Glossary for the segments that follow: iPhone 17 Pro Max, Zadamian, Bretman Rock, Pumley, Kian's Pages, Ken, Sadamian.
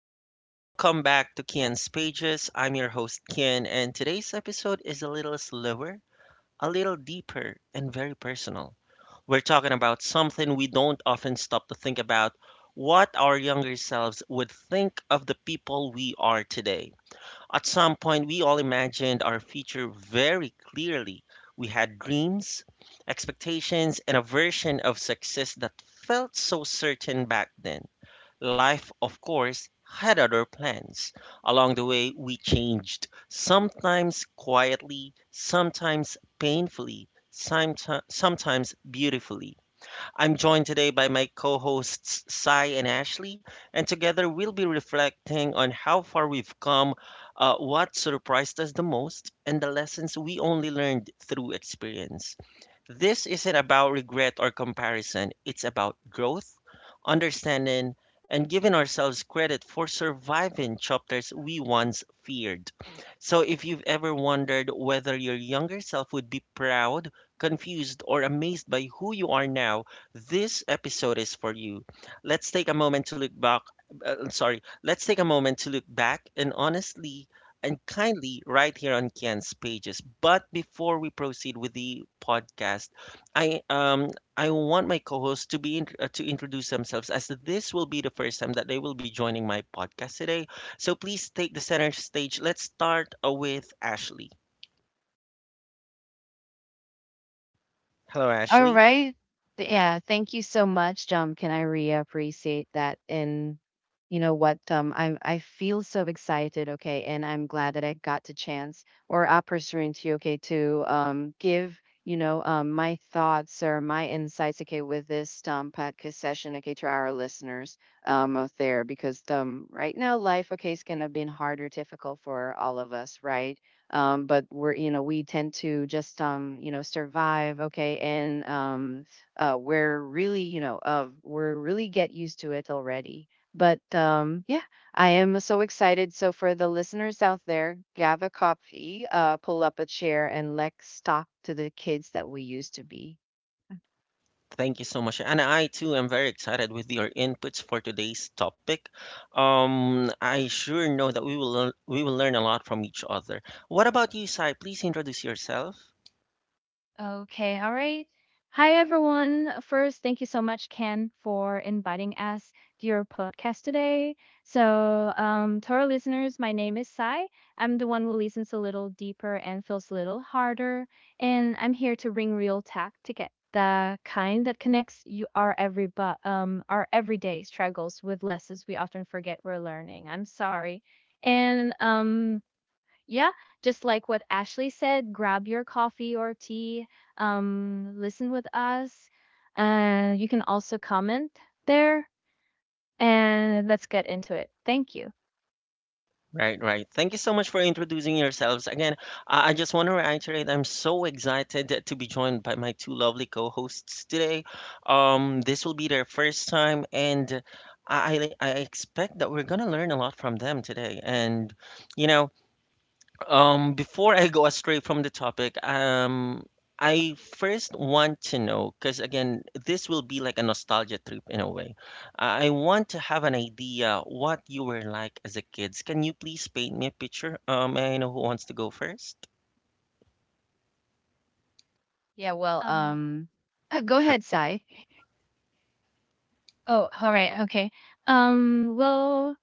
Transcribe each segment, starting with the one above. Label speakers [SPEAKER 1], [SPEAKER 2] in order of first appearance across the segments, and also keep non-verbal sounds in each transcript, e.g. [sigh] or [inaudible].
[SPEAKER 1] everyone, and welcome back to Kian's Pages. I'm your host, Kian, and today's episode is a little slower, a little deeper, and very personal. We're talking about something we don't often stop to think about: what our younger selves would think of the people we are today. At some point, we all imagined our future very clearly. We had dreams, expectations, and a version of success that felt so certain back then. Life, of course, had other plans. Along the way, we changed, sometimes quietly, sometimes painfully, sometimes beautifully. I'm joined today by my co hosts, Sai and Ashley, and together we'll be reflecting on how far we've come, what surprised us the most, and the lessons we only learned through experience. This isn't about regret or comparison, it's about growth, understanding, and giving ourselves credit for surviving chapters we once feared. So, if you've ever wondered whether your younger self would be proud, confused, or amazed by who you are now, this episode is for you. Let's take a moment to look back. Let's take a moment to look back and honestly and kindly right here on Kian's pages. But before we proceed with the podcast, I um I want my co-hosts to introduce themselves, as this will be the first time that they will be joining my podcast today. So please take the center stage. Let's start with Ashley. Hello,
[SPEAKER 2] All
[SPEAKER 1] Ashley.
[SPEAKER 2] right. Yeah, thank you so much, can I really appreciate that, and you know what, I feel so excited, okay, and I'm glad that I got the chance or opportunity, okay, to give, my thoughts or my insights, okay, with this podcast session, okay, to our listeners out there because right now life, okay, is gonna be harder, difficult for all of us, right? But we're, you know, we tend to just survive, okay, and we're really, you know, we're really get used to it already, but yeah, I am so excited. So for the listeners out there, grab a coffee, pull up a chair, and let's talk to the kids that we used to be. ค่ะ
[SPEAKER 1] Thank you so much. And I too am very excited with your inputs for today's topic. I sure know that we will learn a lot from each other. What about you, Sai? Please introduce yourself.
[SPEAKER 3] Okay, all right. Hi, everyone. First, thank you so much, Ken, for inviting us to your podcast today. So, to our listeners, my name is Sai. I'm the one who listens a little deeper and feels a little harder. And I'm here to bring real tech to get the kind that connects you our everyday struggles with lessons we often forget we're learning. I'm sorry. And yeah, just like what Ashley said, grab your coffee or tea, listen with us. And you can also comment there. And let's get into it. Thank you.
[SPEAKER 1] Right, right. Thank you so much for introducing yourselves. Again, I just want to reiterate I'm so excited to be joined by my two lovely co hosts today. This will be their first time, and I expect that we're going to learn a lot from them today. And, you know, before I go astray from the topic, I first want to know, because again, this will be like a nostalgia trip in a way. I want to have an idea what you were like as a kid. Can you please paint me a picture? May I know who wants to go first?
[SPEAKER 2] Yeah, well,
[SPEAKER 3] Um,
[SPEAKER 2] [clears throat] go ahead, Sai.
[SPEAKER 3] oh, all right. Okay. Well,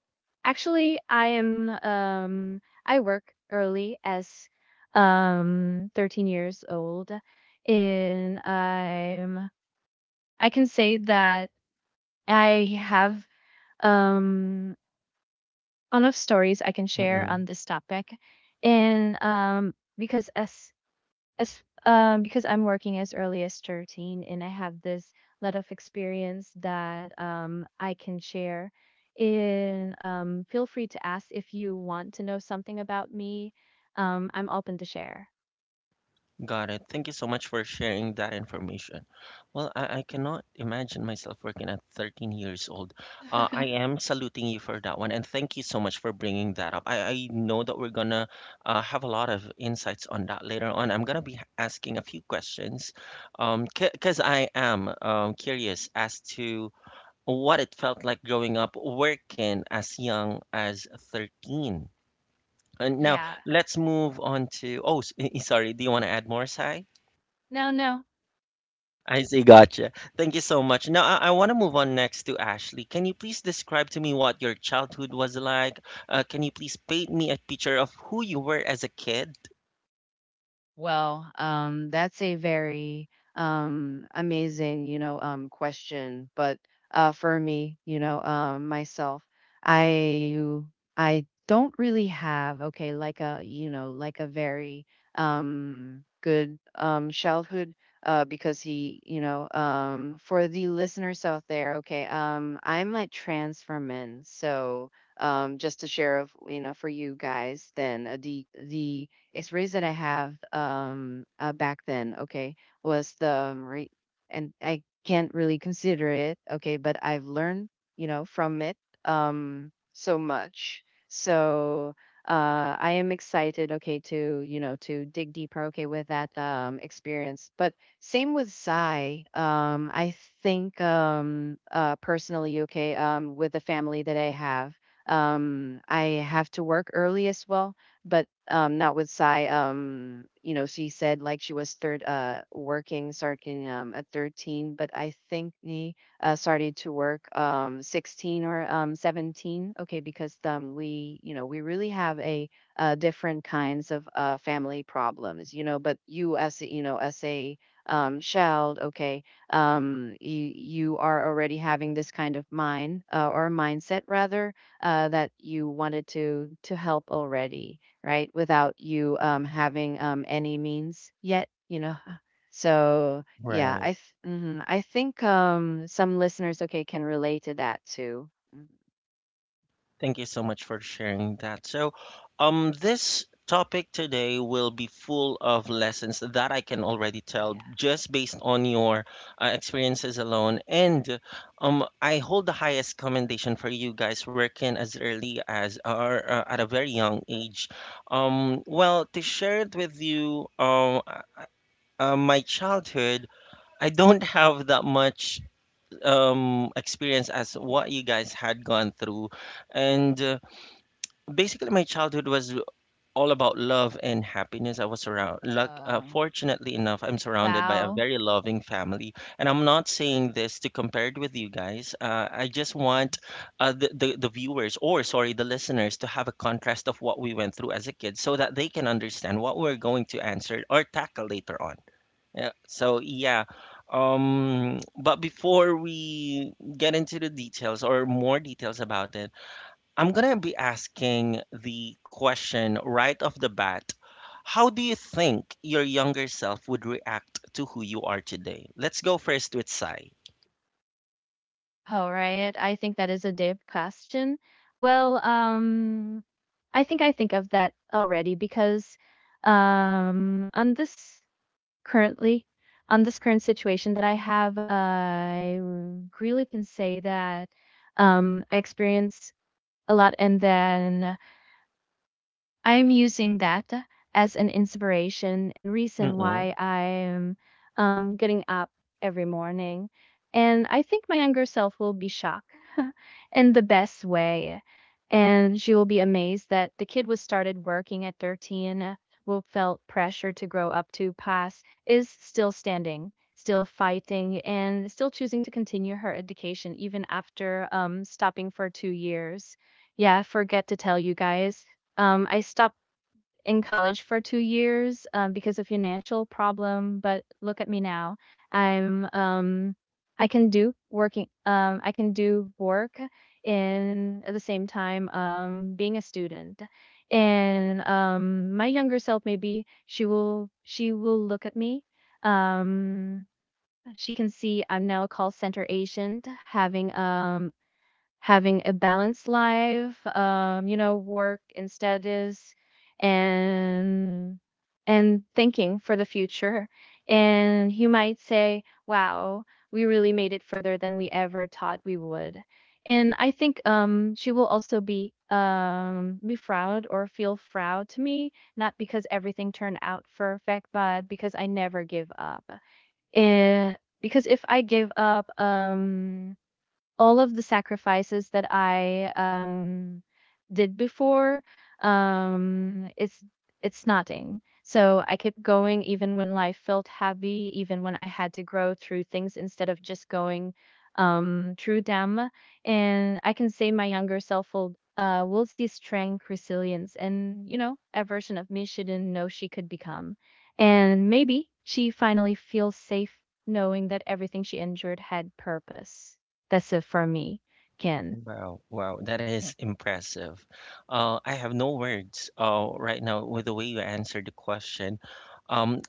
[SPEAKER 3] actually, I work early as 13 years old. And I can say that I have um enough stories I can
[SPEAKER 1] Okay.
[SPEAKER 3] share on this topic. And because I'm working as early as 13, and I have this lot of experience that I can share. And feel free to ask if you want to know something about me. I'm open to share.
[SPEAKER 1] Got it. Thank you so much for sharing that information. Well, I cannot imagine myself working at 13 years old. I
[SPEAKER 3] [laughs]
[SPEAKER 1] am saluting you for that one, and thank you so much for bringing that up. I know that we're gonna have a lot of insights on that later on. I'm gonna be asking a few questions, because I am curious as to what it felt like growing up working as young as 13. And now
[SPEAKER 3] Yeah.
[SPEAKER 1] let's move on to. Sorry. Do you want to add more, Sai?
[SPEAKER 3] No, no.
[SPEAKER 1] I see, gotcha. Thank you so much. Now, I want to move on next to Ashley. Can you please describe to me what your childhood was like? Can you please paint me a picture of who you were as a kid?
[SPEAKER 2] Well, that's a very amazing, you know, question. But for me, you know, myself, I I don't really have okay, like a, you know, like a very good childhood. Because he, you know, for the listeners out there, okay, I'm a trans woman. So just to share, of, you know, for you guys, then the experience that I have back then, okay, was the and I can't really consider it, okay, but I've learned, you know, from it so much. So I am excited, okay, to, you know, to dig deeper, okay, with that experience. But same with Psy. I think personally, okay, with the family that I have to work early as well, but not with Sai. You know, she said like she was third working, starting at 13, but I think he started to work 16 or 17. Okay, because we, you know, we really have a different kinds of family problems, you know, but you you know as a child, okay, you are already having this kind of mind, or mindset rather, that you wanted to help already, right? Without you having any means yet, you know. So yeah, I think some listeners okay can relate to that too. Mhm.
[SPEAKER 1] Thank you so much for sharing that. So, this topic today will be full of lessons that I can already tell
[SPEAKER 2] Yeah.
[SPEAKER 1] just based on your experiences alone. And I hold the highest commendation for you guys working as early as or at a very young age. Well, to share it with you, my childhood. I don't have that much experience as what you guys had gone through, and basically my childhood was all about love and happiness. I was around luck.
[SPEAKER 2] Um,
[SPEAKER 1] Fortunately enough, I'm surrounded by a
[SPEAKER 3] Wow.
[SPEAKER 1] very loving family, and I'm not saying this to compare it with you guys. I just
[SPEAKER 2] you know.
[SPEAKER 1] want the viewers, or sorry, the listeners, to have a contrast of what we went through as a kid so that they can understand what we're going to answer or tackle later on. Yeah, so yeah, um, but before we get into the details or more details about it, I'm gonna be asking the question right off the bat. How do you think your younger self would react to who you are today? Let's go first with Sai.
[SPEAKER 3] All right. I think that is a deep question. Well, I think of that already, because on this currently, on this current situation that I have, I really can say that I experience a lot, and then I'm using that as an inspiration and reason
[SPEAKER 1] Mm-mm.
[SPEAKER 3] why I'm getting up every morning. And I think my younger self will be shocked [laughs] in the best way. And she will be amazed that the kid was started working at 13, who felt pressure to grow up to pass, is still standing, still fighting, and still choosing to continue her education even after stopping for 2 years. Yeah, forget to tell you guys, I stopped in college for 2 years, because of financial problem, but look at me now. I'm, I can do working, I can do work in at the same time, being a student. And, my younger self, maybe she will look at me. Um, she can see I'm now a call center agent having, having a balanced life, work and studies, and and thinking for the future. And you might say, wow, we really made it further than we ever thought we would. And I think she will also be be proud or feel proud to me, not because everything turned out perfect, but because I never give up. And because if I give up, all of the sacrifices that I did before, um it's it's nothing. So I kept going even when life felt heavy, even when I had to grow through things instead of just going through them. And I can say my younger self will will see strength, resilience, and a version of me she didn't know she could become. And maybe she finally feels safe knowing that everything she endured had purpose. That's it for me, Ken.
[SPEAKER 1] Wow, wow, that is impressive. I have no words right now with the way you answered the question. Um,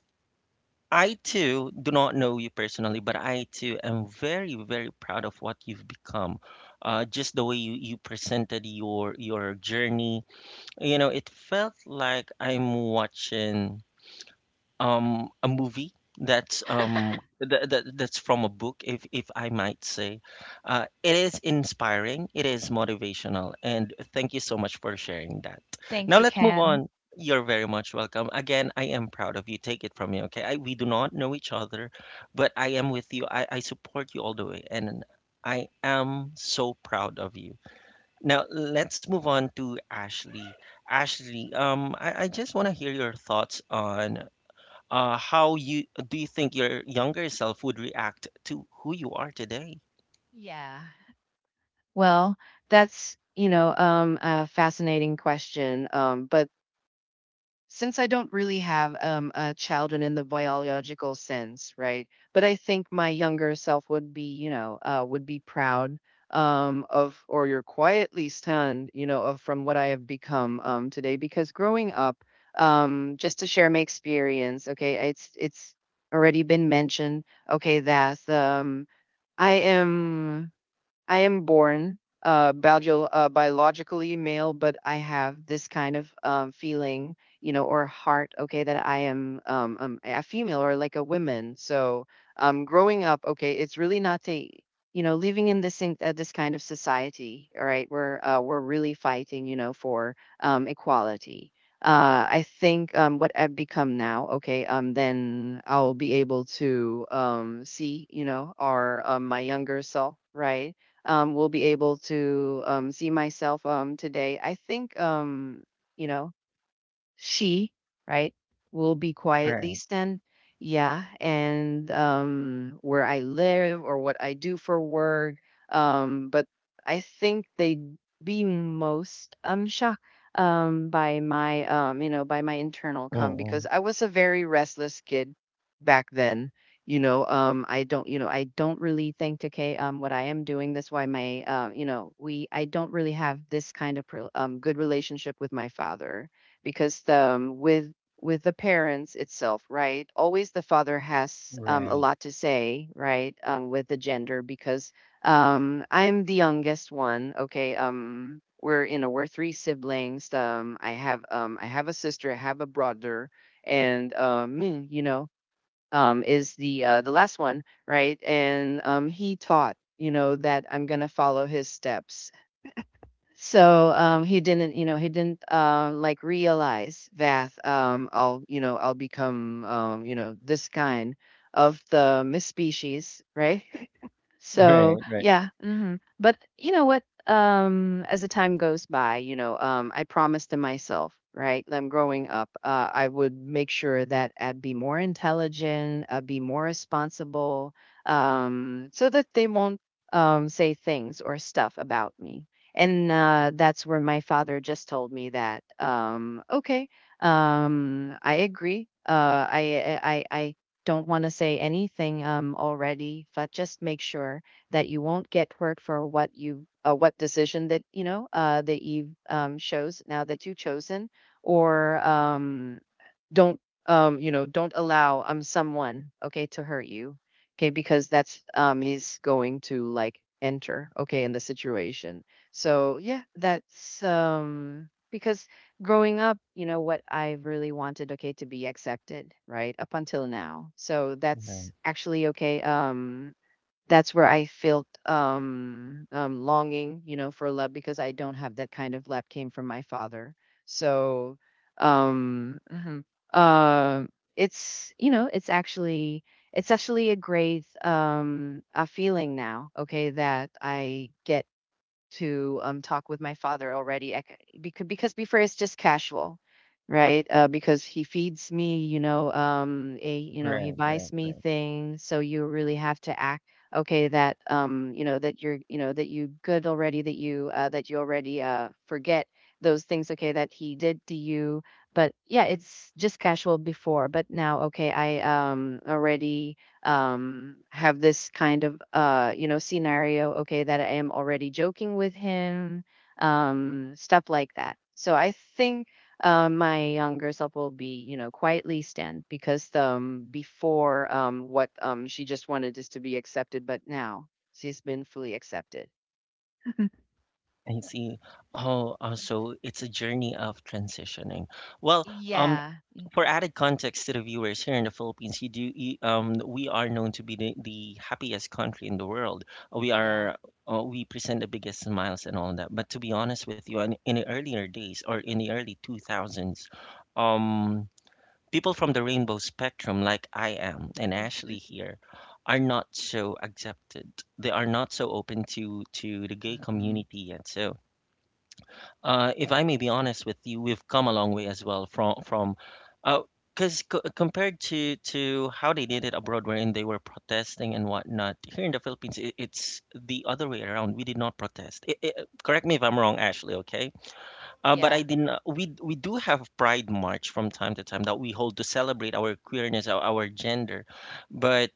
[SPEAKER 1] I too do not know you personally, but I too am very, very proud of what you've become. Just the way you, you presented your journey. You know, it felt like I'm watching a movie that's that's from a book, if I might say. Uh, it is inspiring, it is motivational, and thank you so much for sharing that.
[SPEAKER 3] Thank
[SPEAKER 1] Now
[SPEAKER 3] you,
[SPEAKER 1] let's move
[SPEAKER 3] Ken.
[SPEAKER 1] on. You're very much welcome. Again, I am proud of you. Take it from me, okay? I, we do not know each other, but I am with you. I support you all the way, and I am so proud of you. Now let's move on to Ashley. Ashley, I just want to hear your thoughts on how you do you think your younger self would react to who you are today?
[SPEAKER 2] Yeah. Well, that's, you know, a fascinating question. But since I don't really have a children in the biological sense, right? But I think my younger self would be, you know, would be proud of, or you're quietly stunned, you know, of from what I have become today. Because growing up, just to share my experience, okay, it's already been mentioned, okay, that I am I am born biologically male, but I have this kind of feeling, you know, or heart, okay, that I am a female or like a woman. So growing up, okay, it's really not a, you know, living in this kind of society, all right, where we're really fighting, you know, for equality. I think what I've become now, okay, then I'll be able to see, you know, our my younger self, right? Will be able to see myself today. I think, you know, she, right, will be quietly
[SPEAKER 1] Right.
[SPEAKER 2] stand, yeah, and where I live or what I do for work. But I think they'd be most shocked by my you know by my internal come because
[SPEAKER 1] Mm.
[SPEAKER 2] I was a very restless kid back then. You know, I don't really think, okay, what I am doing. That's why my, you know, we, I don't really have this kind of, good relationship with my father because the with the parents itself, right, always the father has a
[SPEAKER 1] Right. [laughs]
[SPEAKER 2] lot to say, right, with the gender because I'm the youngest one, okay. We're, you know, we're three siblings. I have a sister, I have a brother, and me, you know, is the the last one, right. And he taught you know that I'm gonna follow his steps. So he didn't like realize that I'll become you know this kind of the miss species, right. [laughs]
[SPEAKER 1] Right.
[SPEAKER 2] So
[SPEAKER 1] Right.
[SPEAKER 2] yeah, but you know what? As the time goes by, you know, I promised to myself, right? I'm growing up. I would make sure that I'd be more intelligent, I'd be more responsible, so that they won't say things or stuff about me. And that's where my father just told me that, okay, I agree. I don't want to say anything already, but just make sure that you won't get hurt for what you what decision that you know that you chose, now that you've chosen or don't you know don't allow someone okay to hurt you, okay, because that's he's going to like enter okay in the situation. So yeah, that's because growing up, you know what, I really wanted okay to be accepted, right, up until now. So that's
[SPEAKER 1] Right.
[SPEAKER 2] actually okay, that's where I felt longing, you know, for love because I don't have that kind of love came from my father. So, um, mhm. uh, it's, you know, it's actually a great a feeling now. Okay, that I get to talk with my father already. I, because before it's just casual, right, because he feeds me, you know, a, you know, he
[SPEAKER 1] Right.
[SPEAKER 2] buys
[SPEAKER 1] Right.
[SPEAKER 2] me things, so you really have to act okay that you know that you're, you know, that you good already, that you already forget those things, okay, that he did to you. But yeah, it's just casual before but now, okay, I already have this kind of you know scenario, okay, that I am already joking with him, stuff like that. So I think my younger self will be, you know, quietly stand because before, what she just wanted is to be accepted, but now she's been fully accepted.
[SPEAKER 1] I see. Oh, so it's a journey of transitioning. Well, um,
[SPEAKER 2] Yeah.
[SPEAKER 1] for
[SPEAKER 2] Mhm.
[SPEAKER 1] added context to the viewers, here in the Philippines, you do you, um, we are known to be the happiest country in the world. We
[SPEAKER 2] Yeah.
[SPEAKER 1] are we present the biggest smiles and all that. But to be honest with you, in the earlier days, or in the early two thousands, um, people from the rainbow spectrum like I am and Ashley here are not so accepted. They are not so open to the gay
[SPEAKER 2] Mm-mm.
[SPEAKER 1] community yet. So if I may be honest with you, we've come a long way as well, from uh 'cause because c compared to how they did it abroad, wherein they were protesting and whatnot. Here in the Philippines, it's the other way around. We did not protest. I Correct me if I'm wrong, Ashley, okay? But I
[SPEAKER 2] Yeah.
[SPEAKER 1] didn't. We do have Pride March from time to time that we hold to celebrate our queerness, our gender, but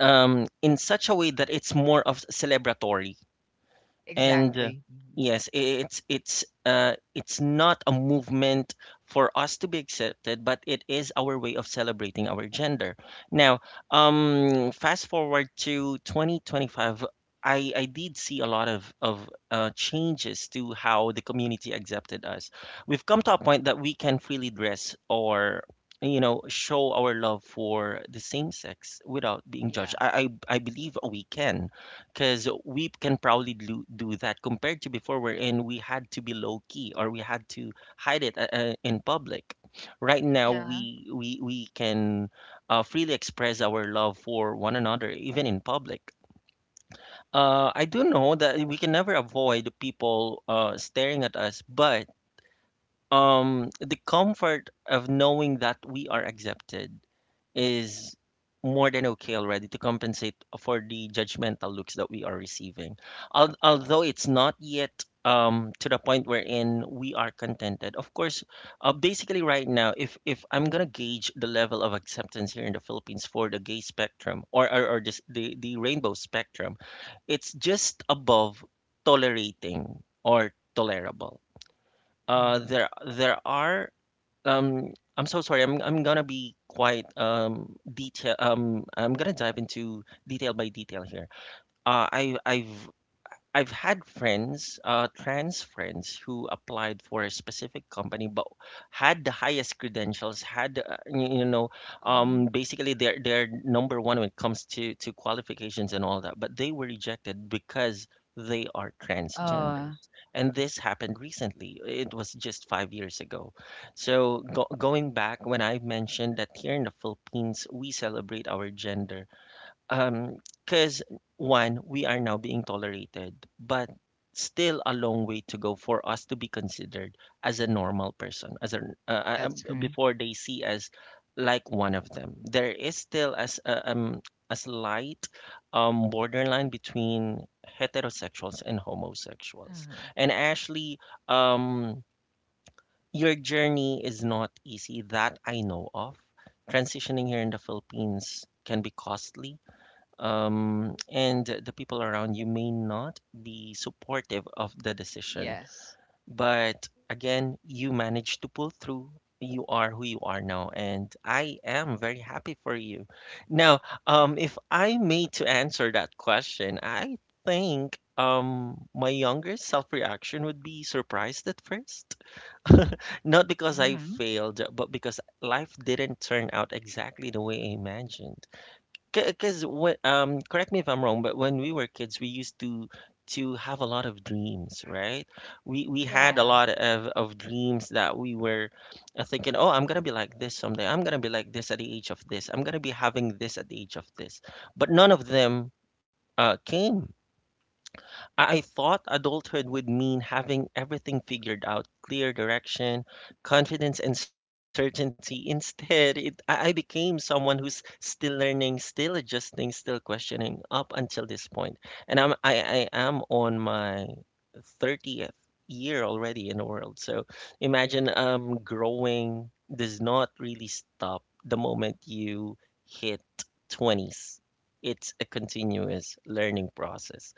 [SPEAKER 1] in such a way that it's more of celebratory, and
[SPEAKER 2] Exactly. Mhm.
[SPEAKER 1] yes, it's it's not a movement for us to be accepted, but it is our way of celebrating our gender. Now, fast forward to 2025, I did see a lot of changes to how the community accepted us. We've come to a
[SPEAKER 2] Mhm.
[SPEAKER 1] point that we can freely dress or, you know, show our love for the same sex without being judged.
[SPEAKER 2] Yeah.
[SPEAKER 1] I believe we can, because we can probably do that compared to before, wherein we had to be low key, or we had to hide it in public. Right now
[SPEAKER 3] Yeah.
[SPEAKER 1] we can freely express our love for one another even in public. I do know that we can never avoid people staring at us, but the comfort of knowing that we are accepted is more than okay already to compensate for the judgmental looks that we are receiving. Although it's not yet to the point wherein we are contented. Of course, basically right now, if I'm gonna gauge the level of acceptance here in the Philippines for the gay spectrum, or this, the rainbow spectrum, it's just above tolerating or tolerable. Uh,
[SPEAKER 2] Mm-mm.
[SPEAKER 1] there there are I'm so sorry. I'm gonna be quite detail. I'm gonna dive into detail by detail here. Uh, I I've I've had friends, trans friends, who applied for a specific company, but had the highest credentials, had you know,
[SPEAKER 2] Uh-huh.
[SPEAKER 1] basically they're number one when it comes to qualifications and all that, but they were rejected because they are
[SPEAKER 2] Uh,
[SPEAKER 1] transgenders, and this happened recently. It was just 5 years ago. So go going back, when I mentioned that here in the Philippines we celebrate our gender, um, because one, we are now being tolerated, but still a long way to go for us to be considered as a normal person, as a
[SPEAKER 2] That's great.
[SPEAKER 1] before they see us like one of them. There is still as a slight borderline between heterosexuals and homosexuals.
[SPEAKER 2] Mhm.
[SPEAKER 1] And Ashley, um, your journey is not easy, that I know of. Transitioning here in the Philippines can be costly, and the people around you may not be supportive of the decision.
[SPEAKER 2] Yes.
[SPEAKER 1] But again, you managed to pull through. You are who you are now, and I am very happy for you. Now, if I may to answer that question, I think my younger self reaction would be surprised at first. Not because I
[SPEAKER 2] Mhm.
[SPEAKER 1] failed, but because life didn't turn out exactly the way I imagined. Because when correct me if I'm wrong, but when we were kids, we used to have a lot of dreams, right? We
[SPEAKER 3] Yeah.
[SPEAKER 1] had a
[SPEAKER 2] Yeah.
[SPEAKER 1] lot of dreams that we were thinking, oh, I'm gonna be like this someday. I'm gonna be like this at the age of this. I'm gonna be having this at the age of this. But none of them came I thought adulthood would mean having everything figured out, clear direction, confidence, and certainty. [laughs] Instead, I became someone who's still learning, still adjusting, still questioning up until this point. And I am on my 30th year already in the world. So imagine, growing does not really stop the moment you hit 20s. It's a continuous learning process.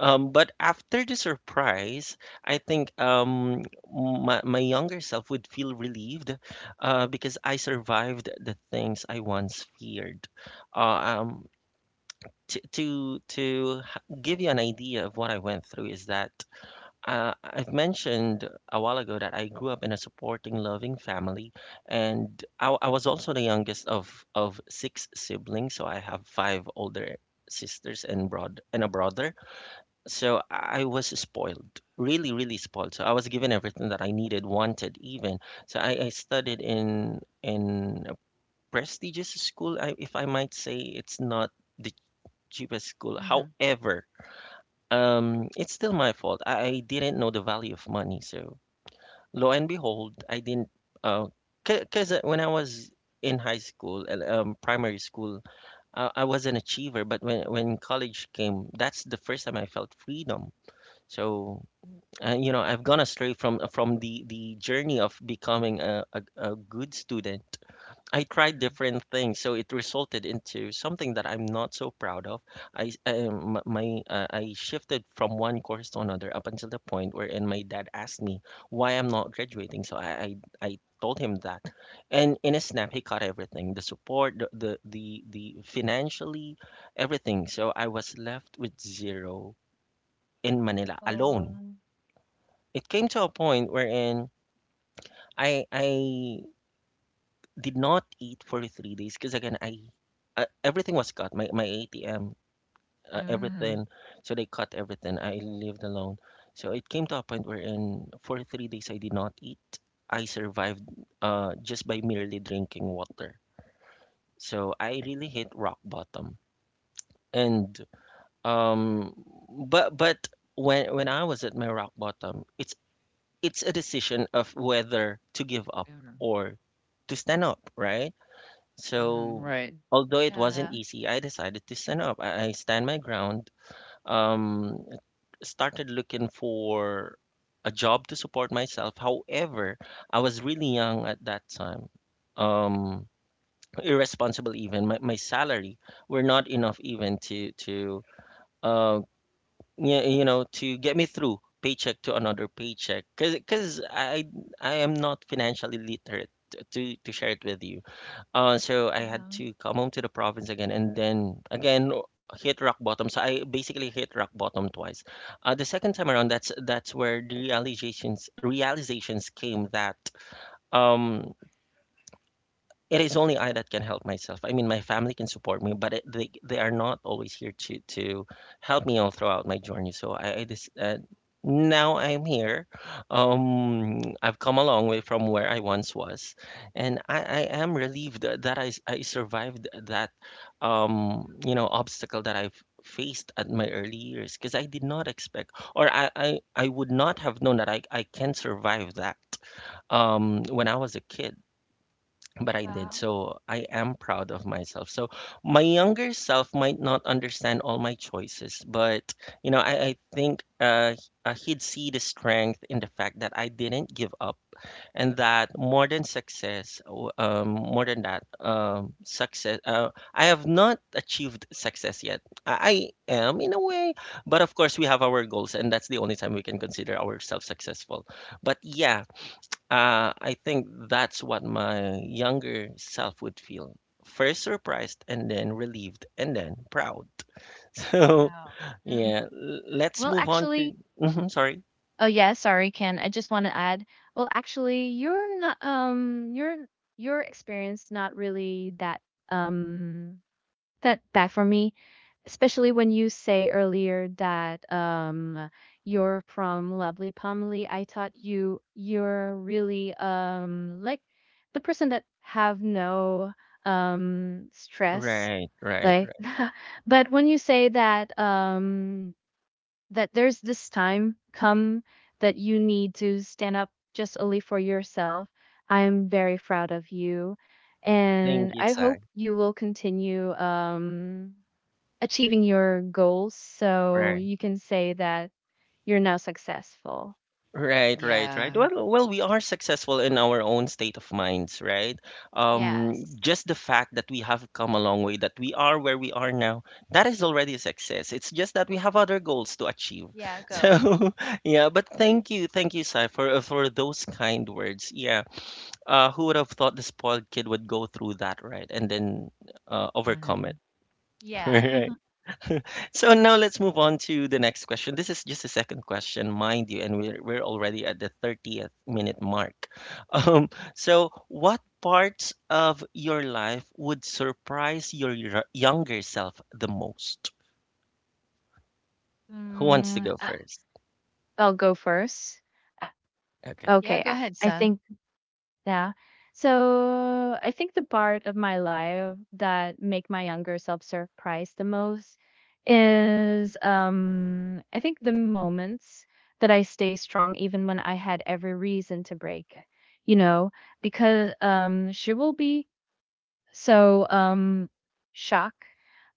[SPEAKER 1] But after the surprise, I think my younger self would feel relieved because I survived the things I once feared. Uh, um, give you an idea of what I went through is that I've mentioned a while ago that I grew up in a supporting, loving family, and I was also the youngest of 6 siblings, so I have 5 older sisters and broad and a brother, so I was spoiled, really, really spoiled. So I was given everything that I needed, wanted, even. So I studied in a prestigious school, I, if I might say. It's not the cheapest school.
[SPEAKER 2] Mhm.
[SPEAKER 1] However, it's still my fault. I didn't know the value of money. So lo and behold, I didn't. Uh, because when I was in high school, primary school, I was an achiever. But when college came, that's the first time I felt freedom. So, you know, I've gone astray from the journey of becoming a good student. I tried
[SPEAKER 2] Mhm.
[SPEAKER 1] different things, so it resulted into something that I'm not so proud of. I my I shifted from one course to another up until the point wherein my dad asked me why I'm not graduating, so I told him that, and in a snap he caught everything, the support, the financially, everything. So I was left with zero in Manila alone.
[SPEAKER 3] Um,
[SPEAKER 1] It came to a point wherein I did not eat for 3 days because again I everything was cut, my ATM,
[SPEAKER 2] Mhm.
[SPEAKER 1] everything. So they cut everything. I lived alone. So it came to a point wherein for 3 days I did not eat. I survived just by merely drinking water. So I really hit rock bottom. And, um but when I was at my rock bottom, it's a decision of whether to give up
[SPEAKER 2] Mhm.
[SPEAKER 1] or to stand up, right?
[SPEAKER 2] Mhm.
[SPEAKER 1] So,
[SPEAKER 2] Right.
[SPEAKER 1] although it
[SPEAKER 3] yeah.
[SPEAKER 1] wasn't easy, I decided to stand up. I stand my ground. Um, Started looking for a job to support myself. However, I was really young at that time. Um, Irresponsible even. My salary were not enough even to uh, yeah, you know, to get me through paycheck to another paycheck. Cause I am not financially literate to share it with you. So I had
[SPEAKER 3] Mhm.
[SPEAKER 1] to come home to the province again, and then again hit rock bottom. So I basically hit rock bottom twice. The second time around, that's where the realizations came that um it is only I that can help myself. I mean, my family can support me, but it, they are not always here to help me all throughout my journey. So I just now I'm here. I've come a long way from where I once was, and I am relieved that I survived that you know obstacle that I've faced at my early years, because I did not expect, or I I would not have known that I can survive that when I was a kid, but I did.
[SPEAKER 3] Wow.
[SPEAKER 1] So I am proud of myself. So my younger self might not understand all my choices, but you know, I think he'd see the strength in the fact that I didn't give up, and that more than success, more than that, success. I have not achieved success yet. I am in a way, but of course we have our goals, and that's the only time we can consider ourselves successful. But yeah, I think that's what my younger self would feel. First surprised, and then relieved, and then proud. [laughs] So,
[SPEAKER 3] Wow.
[SPEAKER 2] Mhm.
[SPEAKER 1] yeah, let's
[SPEAKER 3] Well,
[SPEAKER 1] move on to.
[SPEAKER 3] actually,
[SPEAKER 1] Mhm, sorry.
[SPEAKER 3] oh yeah, sorry, Ken. I just want to add. Well, actually, you're not, your experience not really um that bad for me. Especially when you say earlier that, you're from lovely Pumley, I thought you're really like the person that have no stress,
[SPEAKER 1] Right, right,
[SPEAKER 3] like.
[SPEAKER 1] right.
[SPEAKER 3] [laughs] But when you say that, there's this time come that you need to stand up just only for yourself, I'm very proud of you,
[SPEAKER 1] Thank
[SPEAKER 3] and
[SPEAKER 1] you,
[SPEAKER 3] I
[SPEAKER 1] Sai.
[SPEAKER 3] hope you will continue achieving your goals. So
[SPEAKER 1] Right.
[SPEAKER 3] you can say that you're now successful.
[SPEAKER 1] Right, right, right.
[SPEAKER 2] Yeah.
[SPEAKER 1] Well, well, we are successful in our own state of minds, right?
[SPEAKER 3] Yes.
[SPEAKER 1] Just the fact that we have come a long way, that we are where we are now, that is already a success. It's just that we have other goals to achieve.
[SPEAKER 3] Yeah,
[SPEAKER 1] [laughs]
[SPEAKER 3] go.
[SPEAKER 1] So, yeah. But
[SPEAKER 3] Mhm.
[SPEAKER 1] thank you, Sai, for those kind words. Yeah. Who would have thought the spoiled kid would go through that, right? And then overcome it.
[SPEAKER 2] Mhm.
[SPEAKER 1] [laughs]
[SPEAKER 3] Yeah.
[SPEAKER 1] Right.
[SPEAKER 3] [laughs]
[SPEAKER 1] So now let's move on to the next question. This is just a second question, mind you, and we're already at the 30th minute mark. [laughs] Um, so what parts of your life would surprise your younger self the most? Who wants to
[SPEAKER 3] mm,
[SPEAKER 1] go
[SPEAKER 3] uh,
[SPEAKER 1] first?
[SPEAKER 3] I'll go first. Uh,
[SPEAKER 1] Okay.
[SPEAKER 2] Yeah,
[SPEAKER 3] Okay.
[SPEAKER 2] go
[SPEAKER 3] I
[SPEAKER 2] ahead,
[SPEAKER 3] I
[SPEAKER 2] son.
[SPEAKER 3] think. Yeah. So I think the part of my life that make my younger self surprised the most is, I think, the moments that I stay strong even when I had every reason to break, you know, because she will be so shocked,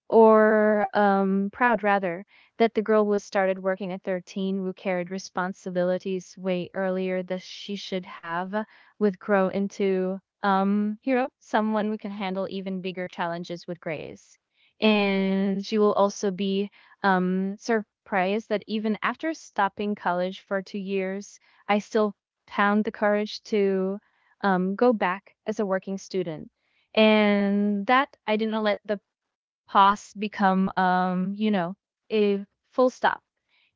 [SPEAKER 3] or proud rather, that the girl was started working at 13, who carried responsibilities way earlier than she should have, would grow into, hero, someone who can handle even bigger challenges with grace. And she will also be surprised that even after stopping college for 2 years, I still found the courage to go back as a working student, and that I didn't let the pause become a full stop,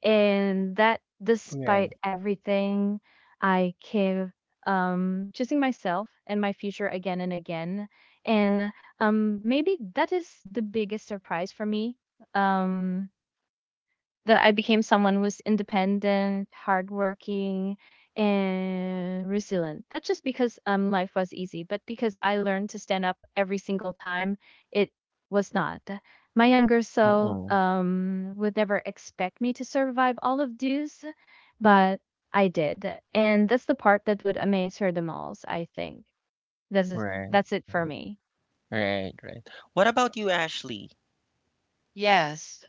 [SPEAKER 3] and that despite
[SPEAKER 1] Right.
[SPEAKER 3] everything I keep choosing myself and my future again and again. And maybe that is the biggest surprise for me, um that I became someone who's independent, hardworking, and resilient. That's just because life was easy, but because I learned to stand up every single time, it was not. My younger self
[SPEAKER 1] Mm-mm.
[SPEAKER 3] would never expect me to survive all of this, but I did, and that's the part that would amaze her the most. I think that's it-
[SPEAKER 1] Right,
[SPEAKER 3] that's it for me.
[SPEAKER 1] right, right. What about you, Ashley?
[SPEAKER 2] Yes.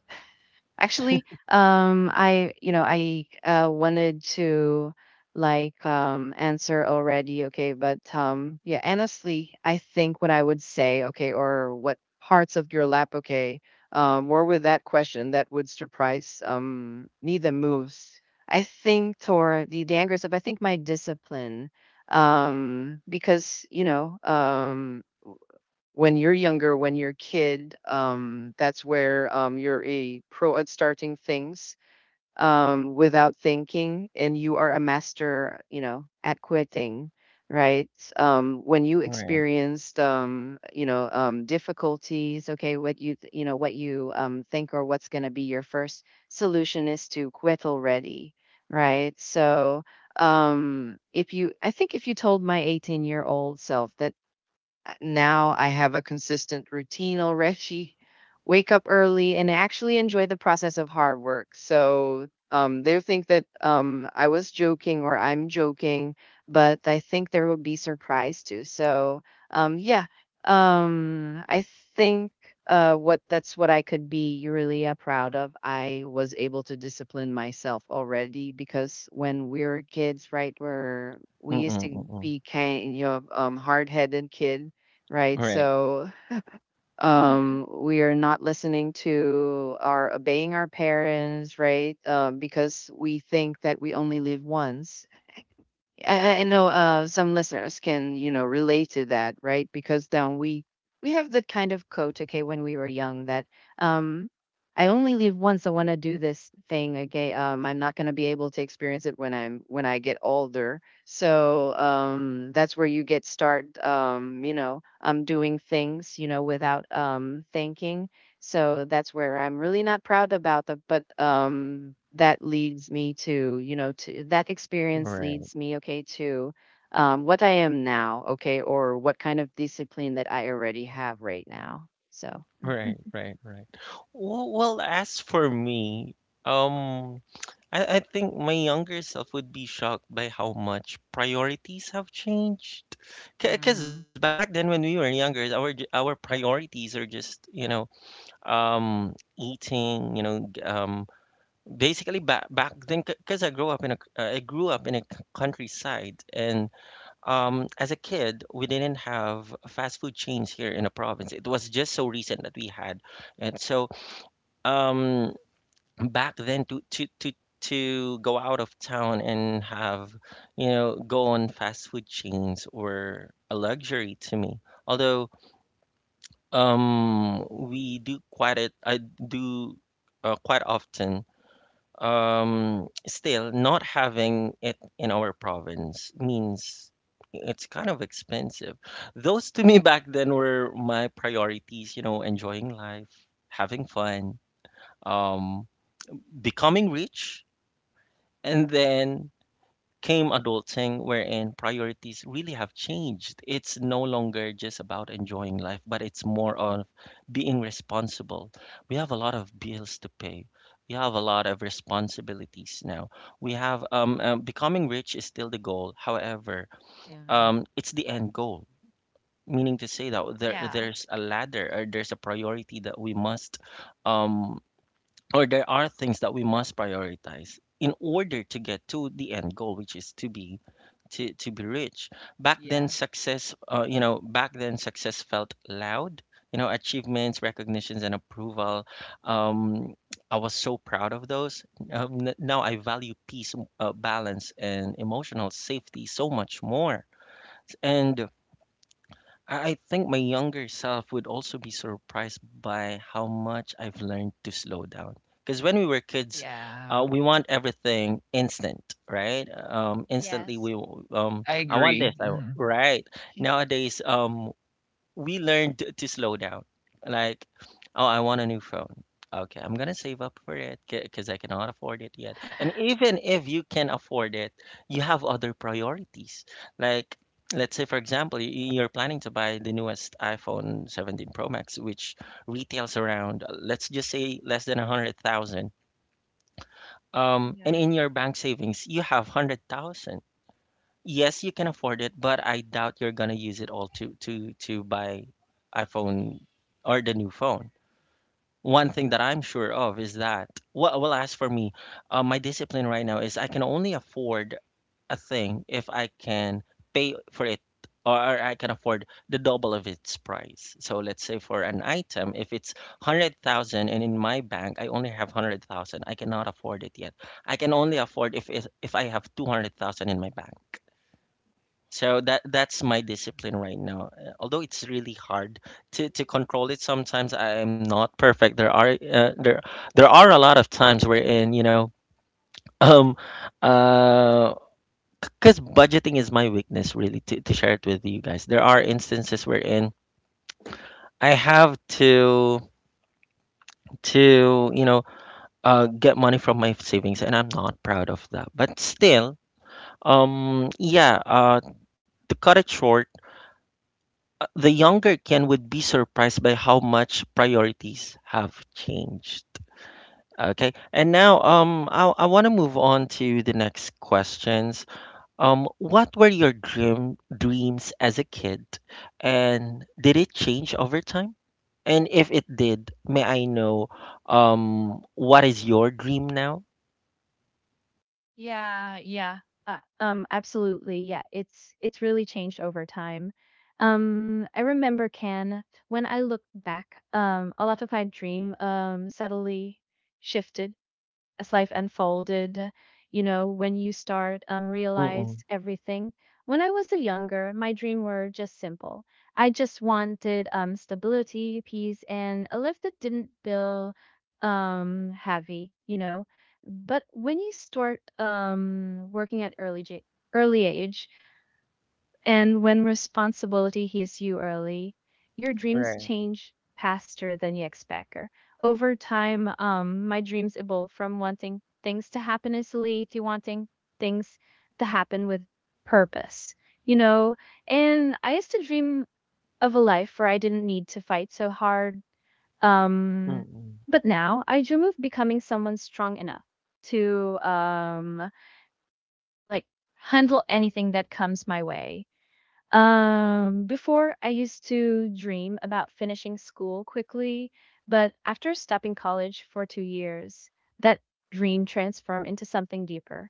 [SPEAKER 2] Actually, I you know I wanted to answer already, okay, but yeah, honestly, I think what I would say, okay, or what parts of your lap, okay, were with that question that would surprise neither moves. I think toward the anger stuff. I think my discipline, because, you know, when you're younger, when you're a kid, that's where you're a pro at starting things without thinking, and you are a master, you know, at quitting, right? When you
[SPEAKER 1] Right.
[SPEAKER 2] experienced, you know, difficulties, okay, what you, you know, what you think, or what's going to be your first solution is to quit already, right? So if you I think if you told my 18-year-old year old self that now I have a consistent routine already. Wake up early, and I actually enjoy the process of hard work. So they think that I was joking or I'm joking, but I think there will be surprise too. So yeah, I think what that's what I could be really proud of. I was able to discipline myself already because when we were kids, right, where we used
[SPEAKER 1] Mm-mm,
[SPEAKER 2] to
[SPEAKER 1] mm-mm.
[SPEAKER 2] be kind of hard-headed kid, right?
[SPEAKER 1] Right,
[SPEAKER 2] So
[SPEAKER 3] [laughs]
[SPEAKER 2] we are not listening to or obeying our parents, right? Because we think that we only live once. I know some listeners can, you know, relate to that, right? Because then we have that kind of quote, okay, when we were young, that um, I only live once. I want to do this thing, okay. I'm not going to be able to experience it when I get older. So that's where you get start, you know, doing things, you know, without thinking. So that's where I'm really not proud about the but that leads me to, you know, to that experience
[SPEAKER 1] right.
[SPEAKER 2] leads me okay to what I am now, okay, or what kind of discipline that I already have right now. So
[SPEAKER 1] Right, right, right. Well, well, as for me, um, I think my younger self would be shocked by how much priorities have changed. Because
[SPEAKER 2] mm-hmm.
[SPEAKER 1] back then, when we were younger, our our priorities are just, you know, um, eating, you know, basically back then. Because I grew up in a I grew up in a countryside, and as a kid, we didn't have fast food chains here in the province. It was just so recent that we had, and so. Um, Back then, to go out of town and have, you know, go on fast food chains were a luxury to me, although we do quite it, I do, quite often. Still, not having it in our province means it's kind of expensive. Those to me back then were my priorities, you know, enjoying life, having fun, um becoming rich. And then came adulting, wherein priorities really have changed. It's no longer just about enjoying life, but it's more of being responsible. We have a lot of bills to pay. We have a lot of responsibilities now. We have becoming rich is still the goal. However, it's the end goal. Meaning to say that there
[SPEAKER 3] Yeah.
[SPEAKER 1] there's a ladder or there's a priority that we must um, or there are things that we must prioritize in order to get to the end goal, which is to be, to be rich. Back then
[SPEAKER 2] Yeah.
[SPEAKER 1] success, you know, back then success felt loud, you know, achievements, recognitions, and approval. um, I was so proud of those. Now I value peace, balance, and emotional safety so much more. And I think my younger self would also be surprised by how much I've learned to slow down. Because when we were kids,
[SPEAKER 2] Yeah.
[SPEAKER 1] we want everything instant, right? Instantly,
[SPEAKER 3] Yes.
[SPEAKER 2] I
[SPEAKER 1] I want this,
[SPEAKER 2] agree.
[SPEAKER 1] right? Nowadays, we learned to slow down. Like, oh, I want a new phone. Okay, I'm gonna save up for it because I cannot afford it yet. And
[SPEAKER 3] [laughs]
[SPEAKER 1] even if you can afford it, you have other priorities. Like, let's say, for example, you're planning to buy the newest iPhone 17 Pro Max, which retails around, let's just say, less than a hundred thousand. And
[SPEAKER 3] Yeah.
[SPEAKER 1] in your bank savings, you have 100,000. Yes, you can afford it, but I doubt you're gonna use it all to buy iPhone or the new phone. One thing that I'm sure of is that, well, well, as for me, my discipline right now is I can only afford a thing if I can pay for it, or I can afford the double of its price. So let's say for an item, if it's 100,000 and in my bank I only have 100,000, I cannot afford it yet. I can only afford if I have 200,000 in my bank. So that's my discipline right now. Although it's really hard to control it sometimes I am not perfect. There are there there are a lot of times wherein, [laughs] um uh, because budgeting is my weakness really to share it with you guys. There are instances wherein I have to get money from my savings and I'm not proud of that. But still, um yeah, uh to cut it short. The younger Ken would be surprised by how much priorities have changed. Okay. And now I want to move on to the next questions. What were your dreams as a kid and did it change over time? And if it did, may I know what is your dream now?
[SPEAKER 3] Yeah, yeah. Absolutely. Yeah, it's really changed over time. I remember Can, when I look back, a lot of my dream subtly shifted as life unfolded, when you start realize
[SPEAKER 1] Mm-mm.
[SPEAKER 3] everything. When I was younger, my dream were just simple. I just wanted stability, peace, and a life that didn't feel heavy. But when you start working at early early age, and when responsibility hits you early, your dreams
[SPEAKER 1] Right.
[SPEAKER 3] change faster than you expect. Over time, my dreams evolved from wanting things to happen easily to wanting things to happen with purpose, you know? And I used to dream of a life where I didn't need to fight so hard. Um,
[SPEAKER 1] Mm-mm.
[SPEAKER 3] but now I dream of becoming someone strong enough to, like, handle anything that comes my way. Before I used to dream about finishing school quickly, but after stopping college for 2 years, that dream transformed into something deeper.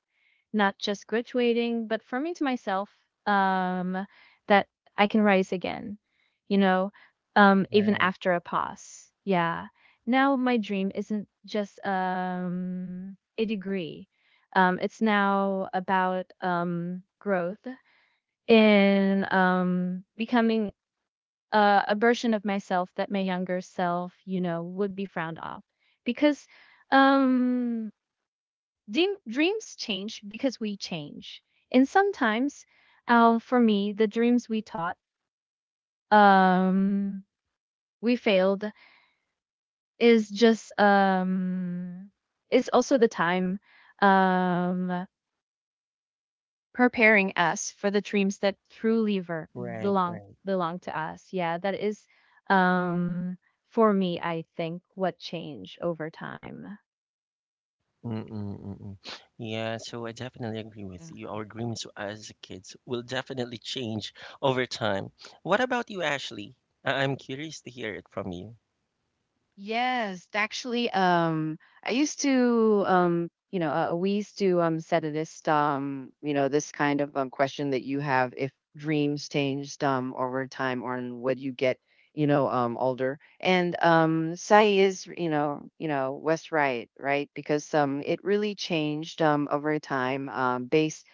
[SPEAKER 3] Not just graduating, but affirming to myself um, that I can rise again, you know, even
[SPEAKER 1] Right.
[SPEAKER 3] after a pause. Yeah. Now my dream isn't just a degree. It's now about growth, in becoming a version of myself that my younger self, would be frowned off, because um dreams change because we change. And sometimes, for me, the dreams we taught um we failed is just um is also the time um preparing us for the dreams that truly
[SPEAKER 1] Right.
[SPEAKER 3] belong to us. Yeah, that is, um for me, I think what changed over time.
[SPEAKER 1] Mm-mm-mm. Yeah, so I definitely agree with you. Our
[SPEAKER 2] [laughs]
[SPEAKER 1] dreams as kids will definitely change over time. What about you, Ashley? I'm curious to hear it from you.
[SPEAKER 2] Yes, actually, I used to, you know, we used to set this question that you have if dreams changed over time or in would you get, older. And Sai is, West, right? Because it really changed over time based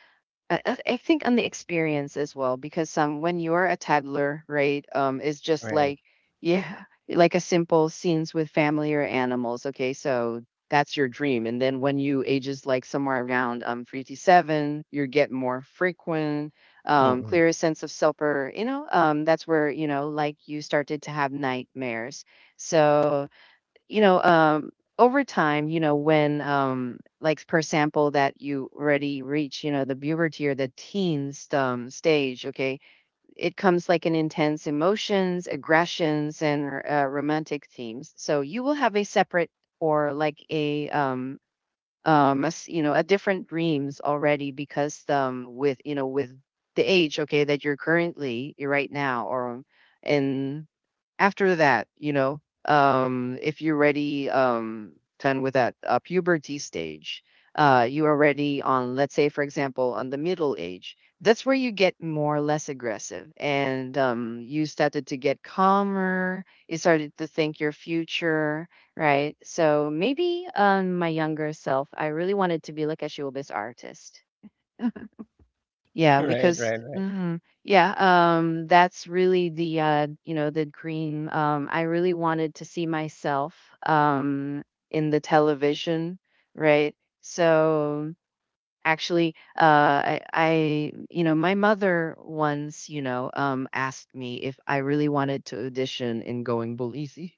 [SPEAKER 2] I think on the experience as well, because when you're a toddler, right, it's just
[SPEAKER 1] Right.
[SPEAKER 2] like, yeah, like a simple scenes with family or animals. Okay, so that's your dream, and then when you ages like somewhere around three to seven, you get more frequent,
[SPEAKER 1] Mm-mm. [laughs]
[SPEAKER 2] clearer sense of self, or that's where like you started to have nightmares. So you know, um, over time, when, like, for example, that you already reach, the puberty or the teens stage, okay, it comes like an intense emotions, aggressions, and romantic themes. So you will have a separate or like a a different dreams already because with, with the age, okay, that you're currently you're right now or in after that, if you're ready, done with that puberty stage, you are ready on, let's say, for example, on the middle age. That's where you get more or less aggressive, and you started to get calmer. You started to think your future, right? So maybe my younger self, I really wanted to be like a showbiz artist, yeah,
[SPEAKER 1] Right, right,
[SPEAKER 2] because
[SPEAKER 1] right.
[SPEAKER 2] mhm. Yeah, that's really the the dream. I really wanted to see myself um in the television, right? So actually I my mother once, asked me if I really wanted to audition in Going Bulisi,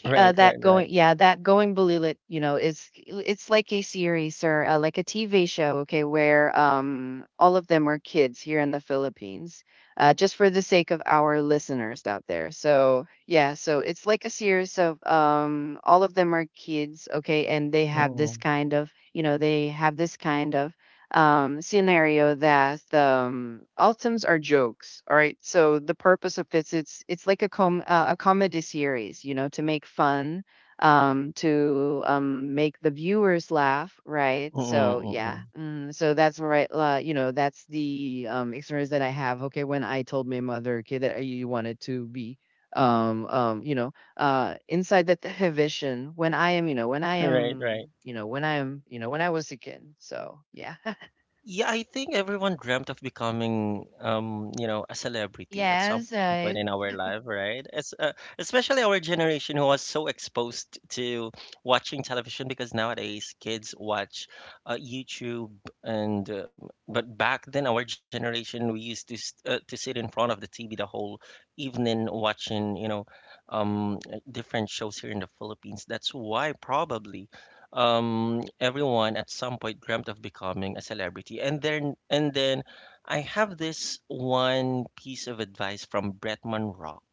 [SPEAKER 1] Right, right,
[SPEAKER 2] that
[SPEAKER 1] right.
[SPEAKER 2] going, yeah, that going Balulit, is it's like a series or like a TV show, okay, where all of them are kids here in the Philippines, just for the sake of our listeners out there, so yeah, so it's like a series of all of them are kids, okay, and they have this
[SPEAKER 1] Mm-mm.
[SPEAKER 2] kind of, they have this kind of scenario that ultims are jokes. All right. So the purpose of it's like a com a comedy series, you know, to make fun, to make the viewers laugh, right? So yeah.
[SPEAKER 1] Mm-mm-mm.
[SPEAKER 2] Mm, so that's right. You know, that's the experience that I have. Okay, when I told my mother, okay, that I wanted to be inside that the vision when I am you know when I
[SPEAKER 1] [laughs] Right,
[SPEAKER 2] am
[SPEAKER 1] right.
[SPEAKER 2] you know when I am you know when I was a kid, so yeah. [laughs]
[SPEAKER 1] Yeah, I think everyone dreamt of becoming, a celebrity at some
[SPEAKER 2] Yes,
[SPEAKER 1] point in
[SPEAKER 2] right.
[SPEAKER 1] our life, right? Especially our generation who was so exposed to watching television because nowadays kids watch YouTube and but back then our generation we used to sit in front of the TV the whole evening watching, um, different shows here in the Philippines. That's why probably everyone at some point dreamt of becoming a celebrity and then I have this one piece of advice from Bretman Rock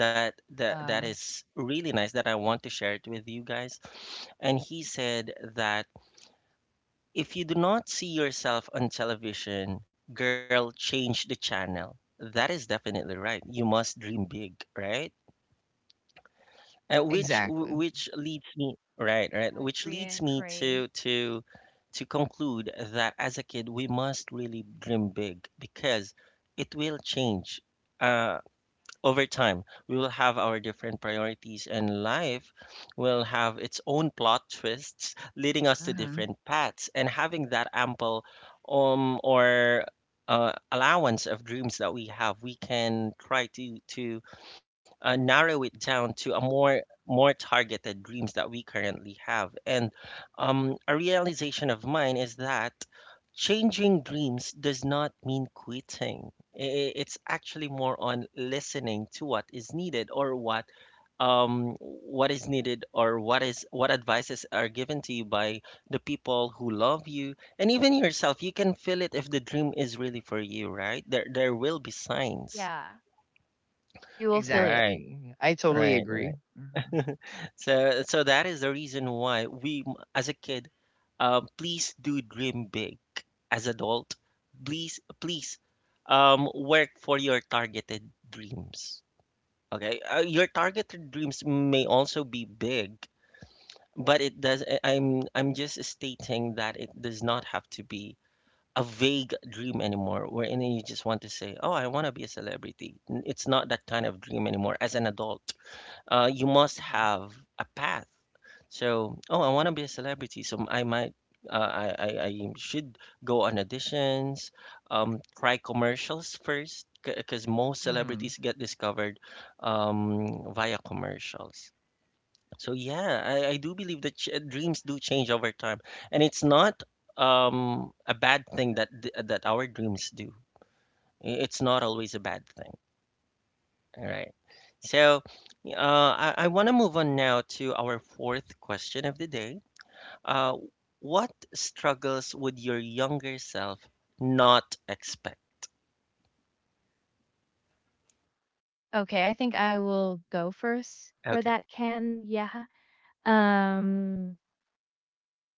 [SPEAKER 1] that that
[SPEAKER 2] Uh,
[SPEAKER 1] is really nice that I want to share it with you guys and he said that if you do not see yourself on television, girl, change the channel. That is definitely right. You must dream big, right? Which w-
[SPEAKER 2] exactly.
[SPEAKER 1] which leads me right, right,
[SPEAKER 3] I
[SPEAKER 1] which
[SPEAKER 3] agree.
[SPEAKER 1] leads
[SPEAKER 3] I
[SPEAKER 1] me to
[SPEAKER 3] agree.
[SPEAKER 1] to conclude that as a kid we must really dream big because it will change uh, over time. We will have our different priorities, and life will have its own plot twists, leading us to
[SPEAKER 2] hmm
[SPEAKER 1] different paths. And having that ample or allowance of dreams that we have, we can try to narrow it down to a more targeted dreams that we currently have. And a realization of mine is that changing dreams does not mean quitting. It's actually more on listening to what is needed or what is needed or what is what advices are given to you by the people who love you, and even yourself. You can feel it if the dream is really for you. Right, there will be signs.
[SPEAKER 3] Yeah, you will feel it.
[SPEAKER 1] Right,
[SPEAKER 2] Exactly. I totally
[SPEAKER 1] right, right.
[SPEAKER 2] agree.
[SPEAKER 1] So that is the reason why as a kid, please do dream big. As adult, please work for your targeted dreams. Okay, your targeted dreams may also be big, but it does. I'm just stating that it does not have to be a vague dream anymore, wherein you just want to say, "Oh, I want to be a celebrity." It's not that kind of dream anymore. As an adult, you must
[SPEAKER 2] Yeah.
[SPEAKER 1] have a path. So, oh, I want to be a celebrity, so I might, I should go on auditions, try commercials first, because most
[SPEAKER 2] hmm
[SPEAKER 1] celebrities get discovered via commercials. So yeah, I do believe that ch dreams do change over time, and it's not a bad thing that our dreams do. It's not always a bad thing. All right. So, uh, I want to move on now to our fourth question of the day. Uh, what struggles would your younger self not expect?
[SPEAKER 3] Okay, I think I will go first for
[SPEAKER 1] Okay.
[SPEAKER 3] that can. Yeah. Um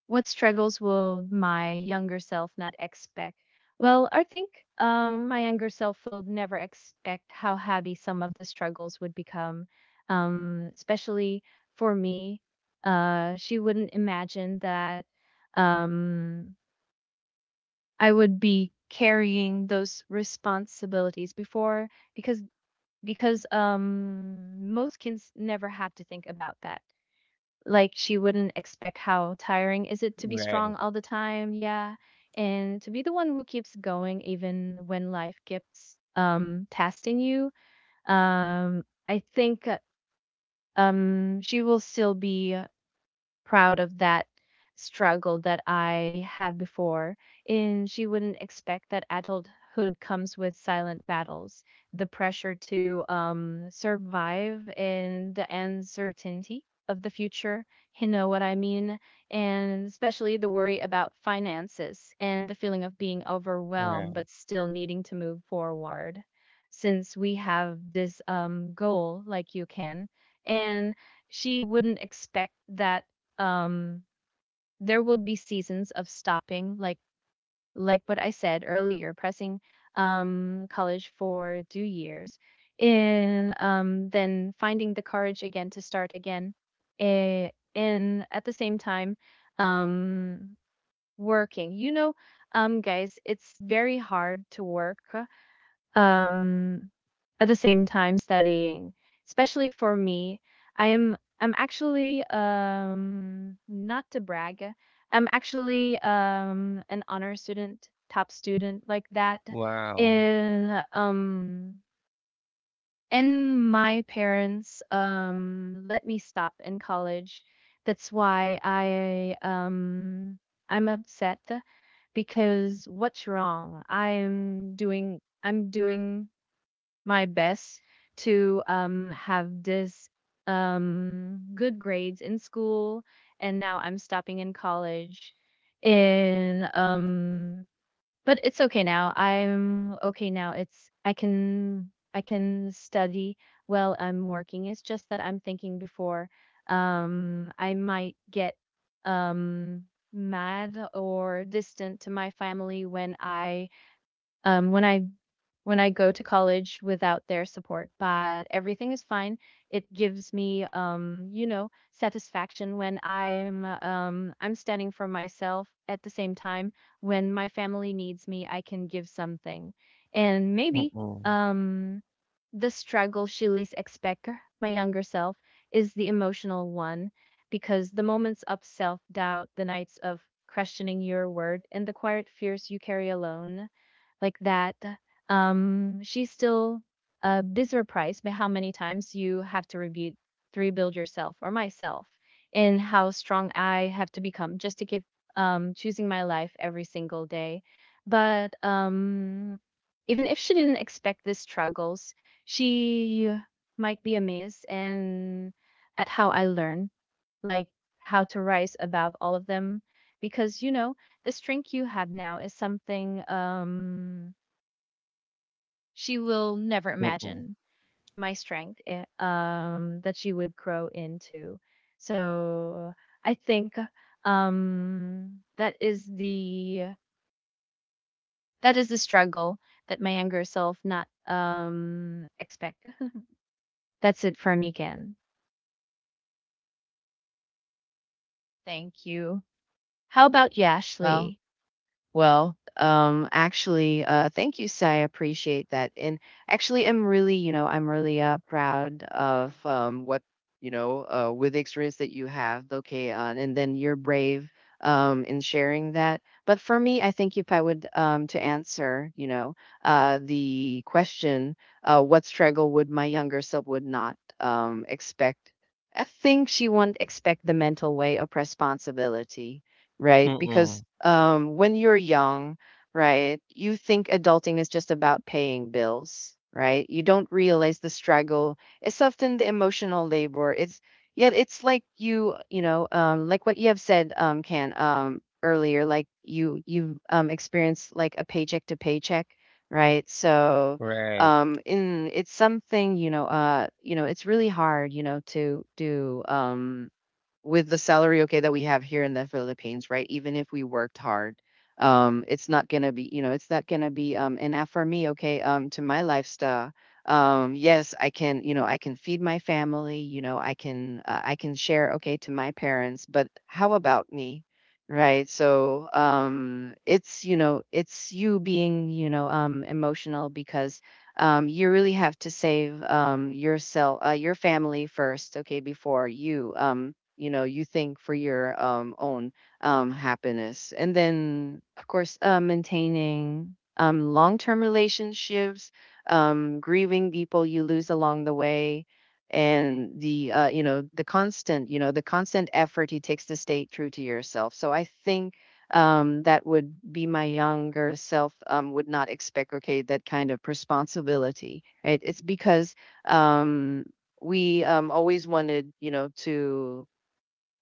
[SPEAKER 3] What struggles will my younger self not expect? Well, I think my younger self will never expect how heavy some of the struggles would become, especially for me. She wouldn't imagine that um, I would be carrying those responsibilities before, because most kids never have to think about that. Like, she wouldn't expect how tiring is it to be strong
[SPEAKER 1] Right.
[SPEAKER 3] all the time, yeah. And to be the one who keeps going even when life keeps testing you. I think, she will still be proud of that struggle that I had before. And she wouldn't expect that adulthood comes with silent battles, the pressure to survive, and the uncertainty of the future. You know what I mean? And especially the worry about finances and the feeling of being overwhelmed
[SPEAKER 1] Right.
[SPEAKER 3] but still needing to move forward. Since we have this goal, like you can, and she wouldn't expect that um there would be seasons of stopping, like what I said earlier, pressing college for 2 years, and then finding the courage again to start again, eh, and at the same time um working, guys, it's very hard to work, um, at the same time studying. Especially for me, I'm actually, not to brag, I'm actually, an honor student, top student like that.
[SPEAKER 1] Wow.
[SPEAKER 3] And and my parents, let me stop in college. That's why I'm upset, because what's wrong? I'm doing my best to, have this, good grades in school, and now I'm stopping in college. In but it's okay now. I'm okay now. It's I can study while I'm working. It's just that I'm thinking before, I might get, um, mad or distant to my family, um, when I when I go to college without their support, but everything is fine. It gives me satisfaction when I'm standing for myself. At the same time, when my family needs me, I can give something, and maybe
[SPEAKER 1] Mm-mm.
[SPEAKER 3] um, the struggle she least expect, my younger self, is the emotional one, because the moments of self doubt, the nights of questioning your word, and the quiet fears you carry alone like that, she's still this surprised by how many times you have to rebuild yourself or myself, and how strong I have to become just to give choosing my life every single day. But even if she didn't expect these struggles, she might be amazed and at how I learn, like how to rise above all of them, because you know the strength you have now is something. She will never
[SPEAKER 1] Mm-mm.
[SPEAKER 3] imagine. My strength, that she would grow into, so I think um that is the that is the struggle that my younger self not expect. [laughs] That's it for me again. Thank you. How about you,
[SPEAKER 2] Well,
[SPEAKER 3] Ashley?
[SPEAKER 2] Well, actually, thank you, Sai. I appreciate that. And actually, I'm really, I'm really proud of what, with the experience that you have, okay, on, and then you're brave in sharing that. But for me, I think if I would to answer, the question, what struggle would my younger self would not expect? I think she won't expect the mental way of responsibility, right? Because
[SPEAKER 1] Mm-mm.
[SPEAKER 2] when you're young, right, you think adulting is just about paying bills, right? You don't realize the struggle. It's often the emotional labor. It's yet it's like you, like what you have said, Can, earlier, like you experienced like a paycheck to paycheck, right? So
[SPEAKER 1] Right.
[SPEAKER 2] in it's something, it's really hard, to do with the salary, okay, that we have here in the Philippines, right? Even if we worked hard, it's not gonna be, it's not gonna be enough for me, okay, to my lifestyle. Yes, I can, I can feed my family, I can share, okay, to my parents, but how about me? Right. So it's, it's you being, emotional because you really have to save yourself, your family first, okay, before you. You know you think for your own happiness, and then of course maintaining long-term relationships, grieving people you lose along the way, and the the constant, the constant effort it takes to stay true to yourself. So I think that would be my younger self would not expect, okay, that kind of responsibility, right? It's because um we always wanted, to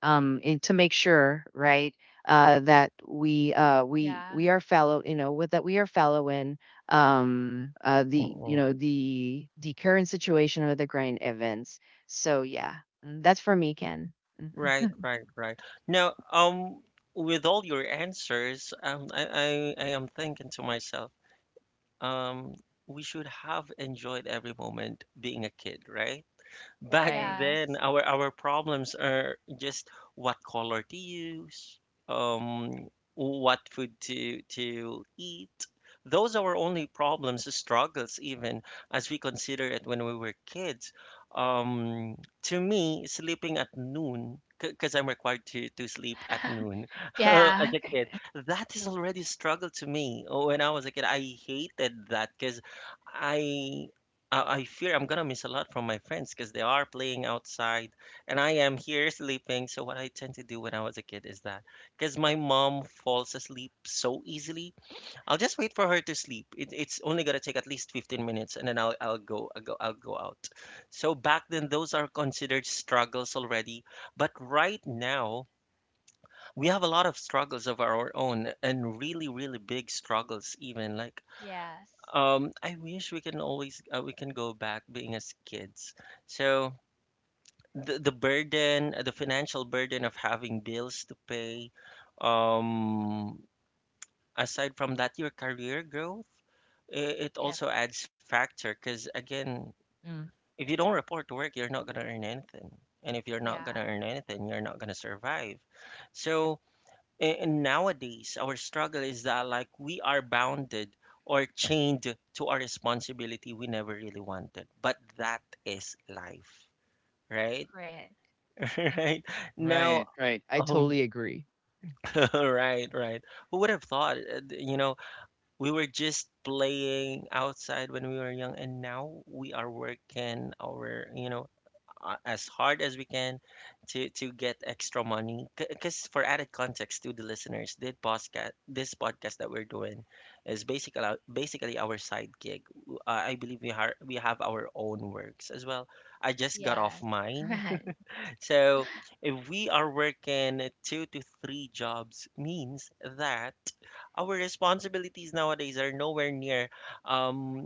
[SPEAKER 2] and to make sure, right, that we
[SPEAKER 3] Yeah.
[SPEAKER 2] are fellow, with that we are fellow in the
[SPEAKER 1] Mm-mm.
[SPEAKER 2] the current situation of the current events. So yeah, mm, that's for me, Ken. Mhm.
[SPEAKER 1] Right. Right. Right. Now, with all your answers, I am thinking to myself, um, we should have enjoyed every moment being a kid, right? Back
[SPEAKER 2] Right.
[SPEAKER 1] then,
[SPEAKER 3] Yes.
[SPEAKER 1] our problems are just what color to use, um, what food to eat. Those are our only problems, struggles, even as we consider it when we were kids. Um, to me, sleeping at noon, because I'm required to sleep at
[SPEAKER 3] [laughs]
[SPEAKER 1] noon [laughs] as
[SPEAKER 3] Yeah.
[SPEAKER 1] a kid,
[SPEAKER 2] [laughs]
[SPEAKER 1] that is already a struggle to me. When I was a kid, I hated that because I I fear I'm gonna miss a lot from my friends because they are playing outside and I am here sleeping. So, what I tend to do when I was a kid is that because my mom falls asleep so easily, I'll just wait for her to sleep. It's only gonna take at least 15 minutes and then I'll go out. So, back then, those are considered struggles already. But right now, we have a lot of struggles of our own and really, really big struggles, even like
[SPEAKER 3] Yes.
[SPEAKER 1] I wish we can always we can go back being as kids. So the burden, the financial burden of having bills to pay, um, aside from that, your career growth, it
[SPEAKER 3] Yeah.
[SPEAKER 1] also adds factor because again,
[SPEAKER 2] Mm.
[SPEAKER 1] if you don't report to work, you're not gonna earn anything, and if you're not
[SPEAKER 3] Yeah.
[SPEAKER 1] gonna earn anything, you're not gonna survive. So and nowadays, our struggle is that like we are bounded or chained to our responsibility we never really wanted. But that is life, right?
[SPEAKER 3] Great.
[SPEAKER 1] [laughs] Right now,
[SPEAKER 2] Right, right. I
[SPEAKER 1] um,
[SPEAKER 2] totally agree.
[SPEAKER 1] [laughs] right, right. Who would have thought? You know, we were just playing outside when we were young, and now we are working our, you know, as hard as we can to get extra money. Because for added context to the listeners, this podcast that we're doing is basically our side gig. I believe we have our own works as well. I just got off
[SPEAKER 3] Yes. [laughs]
[SPEAKER 1] mine,
[SPEAKER 3] Great.
[SPEAKER 1] [laughs] so if we are working two to three jobs, means that our responsibilities nowadays are nowhere near um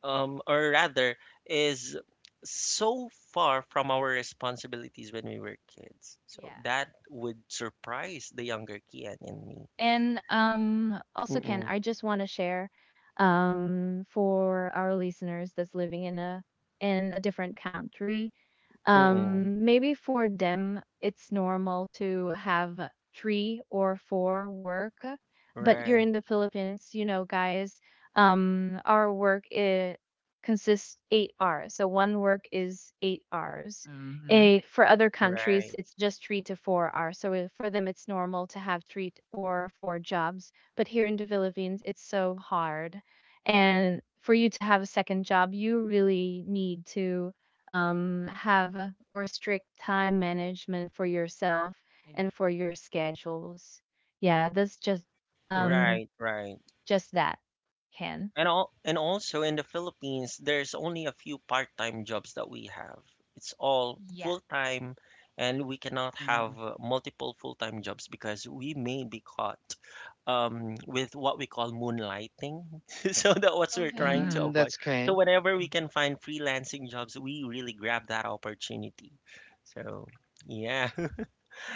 [SPEAKER 1] um, or rather, is so far from our responsibilities when we were kids. So
[SPEAKER 3] Yeah.
[SPEAKER 1] that would surprise the younger Kian and me.
[SPEAKER 3] And also, Ken,
[SPEAKER 1] Mm-mm,
[SPEAKER 3] I just want to share for our listeners that's living in a different country.
[SPEAKER 1] mm-mm.
[SPEAKER 3] Maybe for them, it's normal to have 3 or 4 work, but you're
[SPEAKER 1] Right,
[SPEAKER 3] in the Philippines, you know, guys. Our work it consists 8 hours, so one work is 8 hours.
[SPEAKER 2] Mm-hmm.
[SPEAKER 3] A, for other countries,
[SPEAKER 1] right,
[SPEAKER 3] it's just 3 to 4 hours. So for them, it's normal to have three t- or 4 jobs. But here in the Philippines, it's so hard. And for you to have a second job, you really need to have a- or strict time management for yourself
[SPEAKER 2] Yeah.
[SPEAKER 3] and for your schedules. Yeah, that's um
[SPEAKER 1] right, right.
[SPEAKER 3] just that, can.
[SPEAKER 1] And all, and also in the Philippines, there's only a few part-time jobs that we have. It's all
[SPEAKER 3] Yeah.
[SPEAKER 1] full-time, and we cannot have multiple full-time jobs because we may be caught with what we call moonlighting. [laughs] So that's what we're trying
[SPEAKER 3] Okay.
[SPEAKER 1] to
[SPEAKER 2] Mm-hmm.
[SPEAKER 1] avoid.
[SPEAKER 2] That's
[SPEAKER 1] So
[SPEAKER 2] kind.
[SPEAKER 1] whenever we
[SPEAKER 2] Mhm.
[SPEAKER 1] can find freelancing jobs, we really grab that opportunity. So yeah.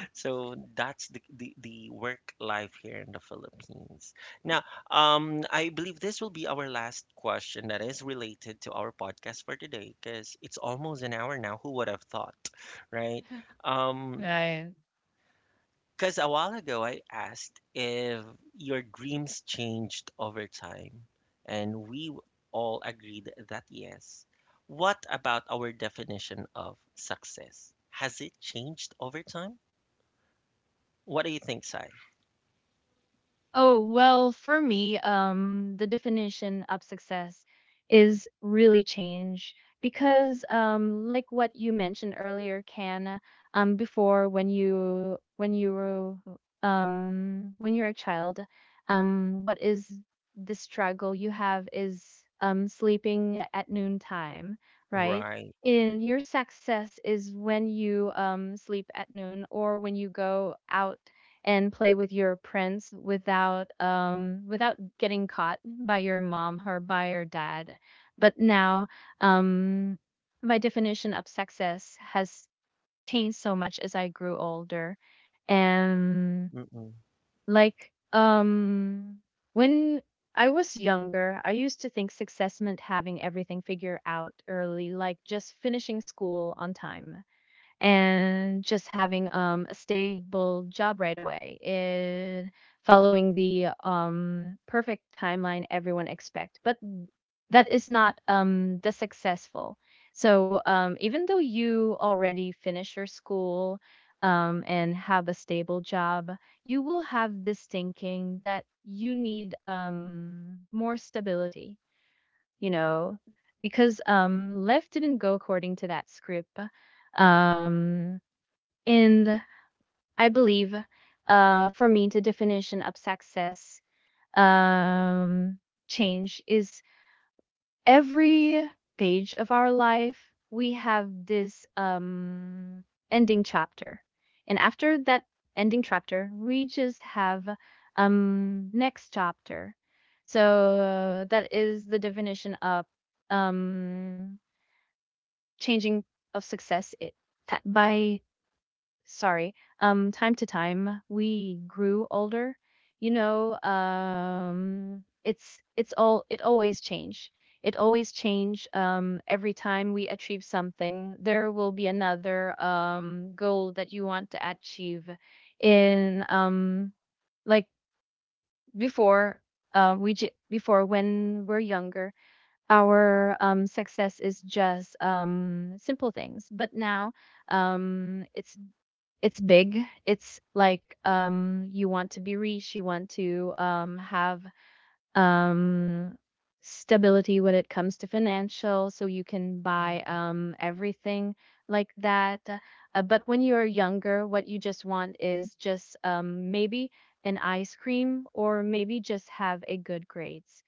[SPEAKER 1] So that's the, the work life here in the Philippines. Now, I believe this will be our last question that is related to our podcast for today because it's almost an hour now. Who would have thought, right?
[SPEAKER 3] [laughs]
[SPEAKER 1] Um,
[SPEAKER 2] Right.
[SPEAKER 1] because a while ago I asked if your dreams changed over time, and we all agreed that yes. What about our definition of success? Has it changed over time? What do you think, Sai?
[SPEAKER 3] Oh, well, for me, the definition of success is really change because, like what you mentioned earlier, Can, before when you were when you're a child, what is the struggle you have is sleeping at noontime, right?
[SPEAKER 1] Right.
[SPEAKER 3] In your success is when you sleep at noon or when you go out and play with your prints without without getting caught by your mom or by your dad. But now, um, my definition of success has changed so much as I grew older, and
[SPEAKER 1] Mm-mm.
[SPEAKER 3] like when I was younger, I used to think success meant having everything figured out early, like just finishing school on time and just having a stable job right away and following the perfect timeline everyone expect, but that is not the successful. So even though you already finish your school and have a stable job, you will have this thinking that you need more stability, you know, because life didn't go according to that script. Um and I believe, for me, the definition of success um, change is, every page of our life, we have this ending chapter. And after that ending chapter, we just have next chapter. So that is the definition of um, changing of success it, by, sorry, time to time, we grew older. You know, um, it's all, it always change. It always change. Every time we achieve something, there will be another goal that you want to achieve. In like before, before when we're younger, our success is just simple things, but now um it's it's big. It's like you want to be rich, you want to have um stability when it comes to financial so you can
[SPEAKER 2] Yeah.
[SPEAKER 3] buy everything like that. But when you're younger, what you just want is just maybe an ice cream or maybe just have a good grades.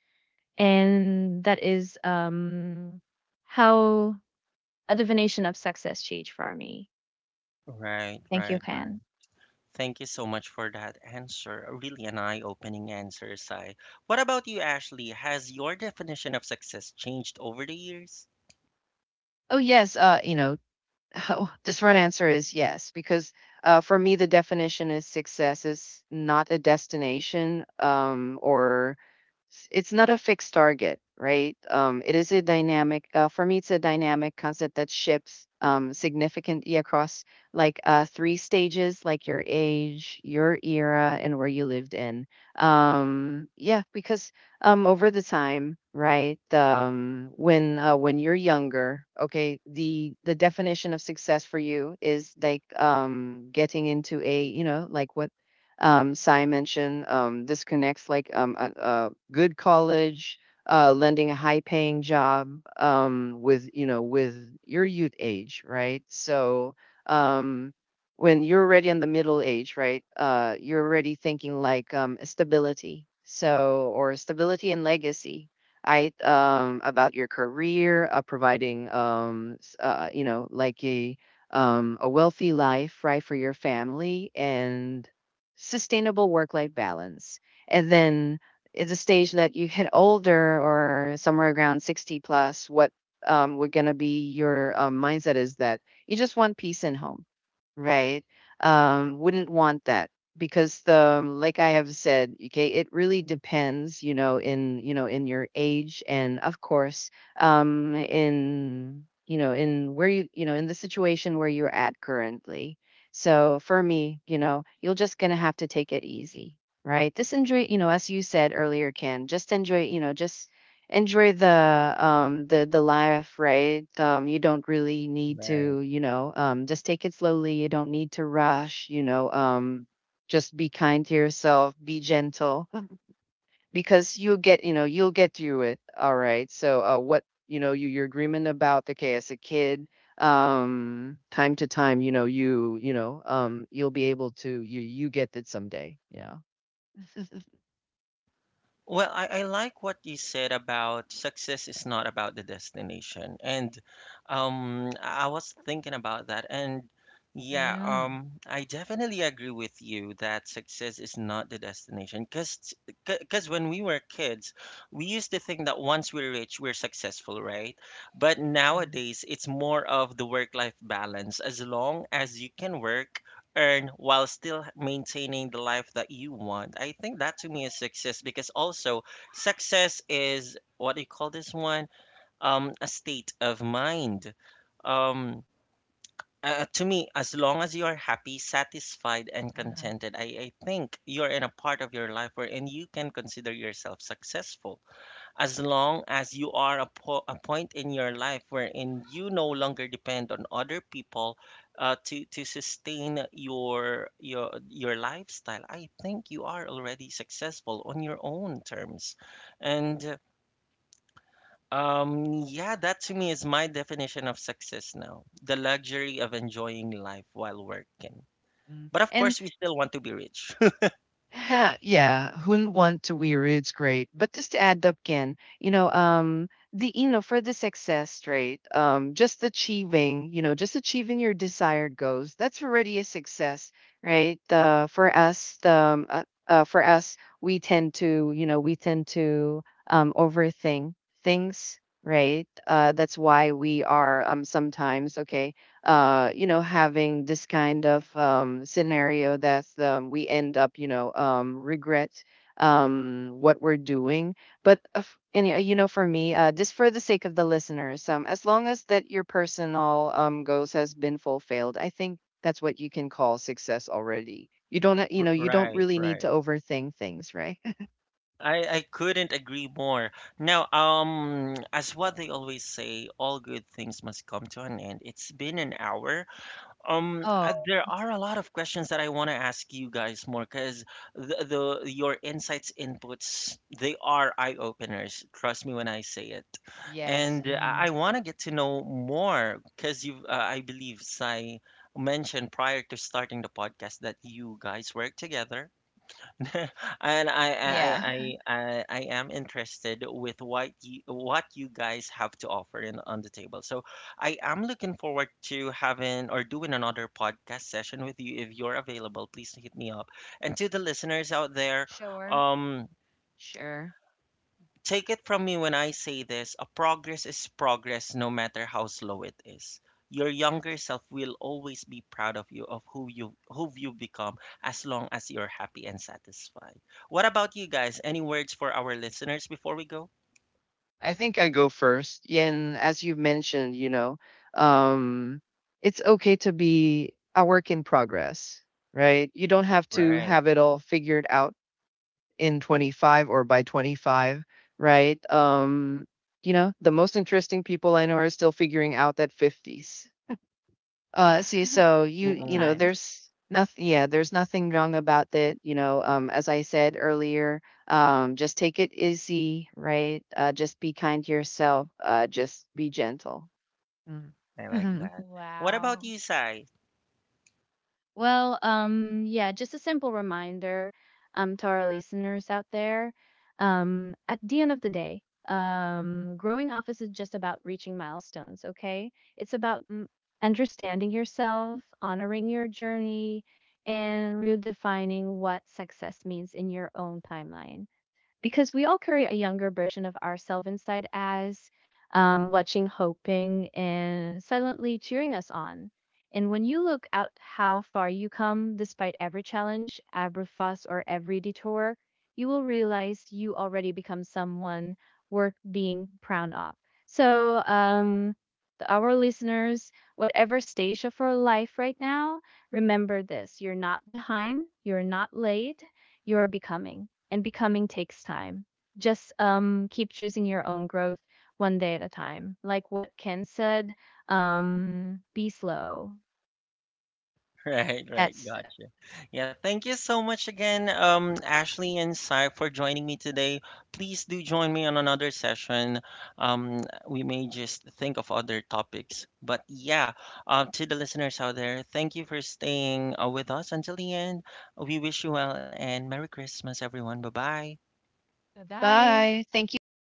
[SPEAKER 3] And that is how a definition of success changed for me.
[SPEAKER 1] Right,
[SPEAKER 3] Thank you,
[SPEAKER 1] right, right.
[SPEAKER 3] Ken.
[SPEAKER 1] Thank you so much for that answer. Really an eye-opening answer, Sai. What about you, Ashley? Has your definition of success changed over the years?
[SPEAKER 2] Oh yes, uh, you know, Oh, the short answer is yes, because for me, the definition is success is not a destination or it's not a fixed target, right? It is a dynamic. For me, it's a dynamic concept that shifts significantly across like three stages, like your age, your era, and where you lived in. Yeah, because over the time, right? When you're younger, okay, the definition of success for you is like getting into a, like what Si mentioned, this connects like a good college, lending a high-paying job with with your youth age, right? So um, when you're already in the middle age, right? You're already thinking like stability, so or stability and legacy. I about your career, providing you know, like a wealthy life, right, for your family and sustainable work life balance. And then at the stage that you hit older or somewhere around 60 plus, what we're going to be your mindset is that you just want peace in home, right? Wouldn't want that because the like I have said, okay, it really depends, you know in your age, and of course in you know in where you know in the situation where you're at currently. So for me, you know, you're just going to have to take it easy, right? Just enjoy, as you said earlier, Ken, just enjoy, just enjoy the life, right? You don't really need
[SPEAKER 1] Right.
[SPEAKER 2] to, just take it slowly, you don't need to rush, just be kind to yourself, be gentle, because you'll get, you'll get through it all right. So what, your agreement about okay as a kid, time to time, you'll be able to you get it someday, yeah.
[SPEAKER 1] Well, I like what you said about success is not about the destination. And I was thinking about that. And yeah,
[SPEAKER 2] Yeah.
[SPEAKER 1] I definitely agree with you that success is not the destination. Because when we were kids, we used to think that once we're rich, we're successful, right? But
[SPEAKER 2] um,
[SPEAKER 1] nowadays, it's more of the work-life balance. As long as you can work earn while still maintaining the life that you want. I think that to me is success because also success is what do you call this one? A state of mind. Um, to me, as long as you are happy, satisfied, and
[SPEAKER 2] uh-huh.
[SPEAKER 1] contented, I think you're in a part of your life wherein you can consider yourself successful, as long as you are a point in your life wherein you no longer depend on other people to sustain your your lifestyle. I think you are already successful on your own terms. And yeah, that to me is my definition of success now, the luxury of enjoying life while working.
[SPEAKER 2] Mm.
[SPEAKER 1] But of
[SPEAKER 2] And
[SPEAKER 1] course we still want to be rich.
[SPEAKER 2] yeah, yeah, who wouldn't want to wear it? It's great. But just to add up again, you know, for the success rate, just achieving, just achieving your desired goals, that's already a success, right? For us, the for us, we tend to, we tend to overthink things, right? That's why we are sometimes okay you know, having this kind of scenario that we end up, regret what we're doing. But you know, for me, just for the sake of the listeners, as long as that your personal goals has been fulfilled, I think that's what you can call success already. You don't, you know,
[SPEAKER 1] [laughs]
[SPEAKER 2] you don't
[SPEAKER 1] Right,
[SPEAKER 2] really need to
[SPEAKER 1] right.
[SPEAKER 2] overthink things, right? [laughs]
[SPEAKER 1] I couldn't agree more. Now, as what they always say, all good things must come to an end. It's been an hour.
[SPEAKER 2] Oh,
[SPEAKER 1] There are a lot of questions that I want to ask you guys more because the, your insights, inputs, they are eye openers. Trust me when I say it.
[SPEAKER 2] yes.
[SPEAKER 1] And uh,
[SPEAKER 2] Mhm.
[SPEAKER 1] I, I want to get to know more because you, I believe, Sai mentioned prior to starting the podcast that you guys work together [laughs] and I,
[SPEAKER 3] Yeah,
[SPEAKER 1] I I
[SPEAKER 2] Yeah,
[SPEAKER 1] I I I am interested with what you guys have to offer in, on the table. So I am looking forward to having or doing another podcast session with you if you're available. Please hit me up. And to the listeners out there,
[SPEAKER 3] sure.
[SPEAKER 1] um.
[SPEAKER 2] sure.
[SPEAKER 1] Take it from me when I say this, a progress is progress no matter how slow it is. Your
[SPEAKER 3] Yes.
[SPEAKER 1] younger self will always be proud of you, of who you become, as long as you're happy and satisfied. What about you guys? Any words for our listeners before we go?
[SPEAKER 2] I think I go first. Yeah, and as you mentioned, um, it's okay to be a work in progress, right? You don't have to
[SPEAKER 1] Right.
[SPEAKER 2] have it all figured out in 25 or by 25, right? You know, the most interesting people I know are still figuring out that 50s.
[SPEAKER 3] Yeah,
[SPEAKER 2] See, so you know,
[SPEAKER 1] Mm-mm.
[SPEAKER 3] sometimes.
[SPEAKER 2] there's nothing. Yeah, there's nothing wrong about that. You know, as I said earlier, just take it easy, right? Just be kind to yourself. Just be gentle. Mm.
[SPEAKER 1] I like
[SPEAKER 2] Mhm.
[SPEAKER 3] Oh,
[SPEAKER 1] that. What
[SPEAKER 3] wow.
[SPEAKER 1] about you, Sai?
[SPEAKER 3] Well, yeah, just a simple reminder to our listeners out there. At the end of the day, growing up isn't just about reaching milestones, okay? It's about understanding yourself, honoring your journey, and redefining what success means in your own timeline. Because we all carry a younger version of ourselves inside as watching, hoping, and silently cheering us on. And when you look at how far you come, despite every challenge, every fuss, or every detour, you will realize you already become someone worth being proud of. So, to our listeners, whatever stage of your life right now, remember this: you're not behind, you're not late, you're becoming, and becoming takes time. Just keep choosing your own growth one day at a time. Like what Ken said, be slow.
[SPEAKER 1] [laughs] Right, right,
[SPEAKER 3] That's.
[SPEAKER 1] gotcha. Yeah, thank you so much again, Ashley and Sai, for joining me today. Please do join me on another session. Um, we may just think of other topics, but yeah, to the listeners out there, thank you for staying with us until the end. We wish you well and Merry Christmas, everyone. Bye bye.
[SPEAKER 3] Bye.
[SPEAKER 2] Bye. Thank you so much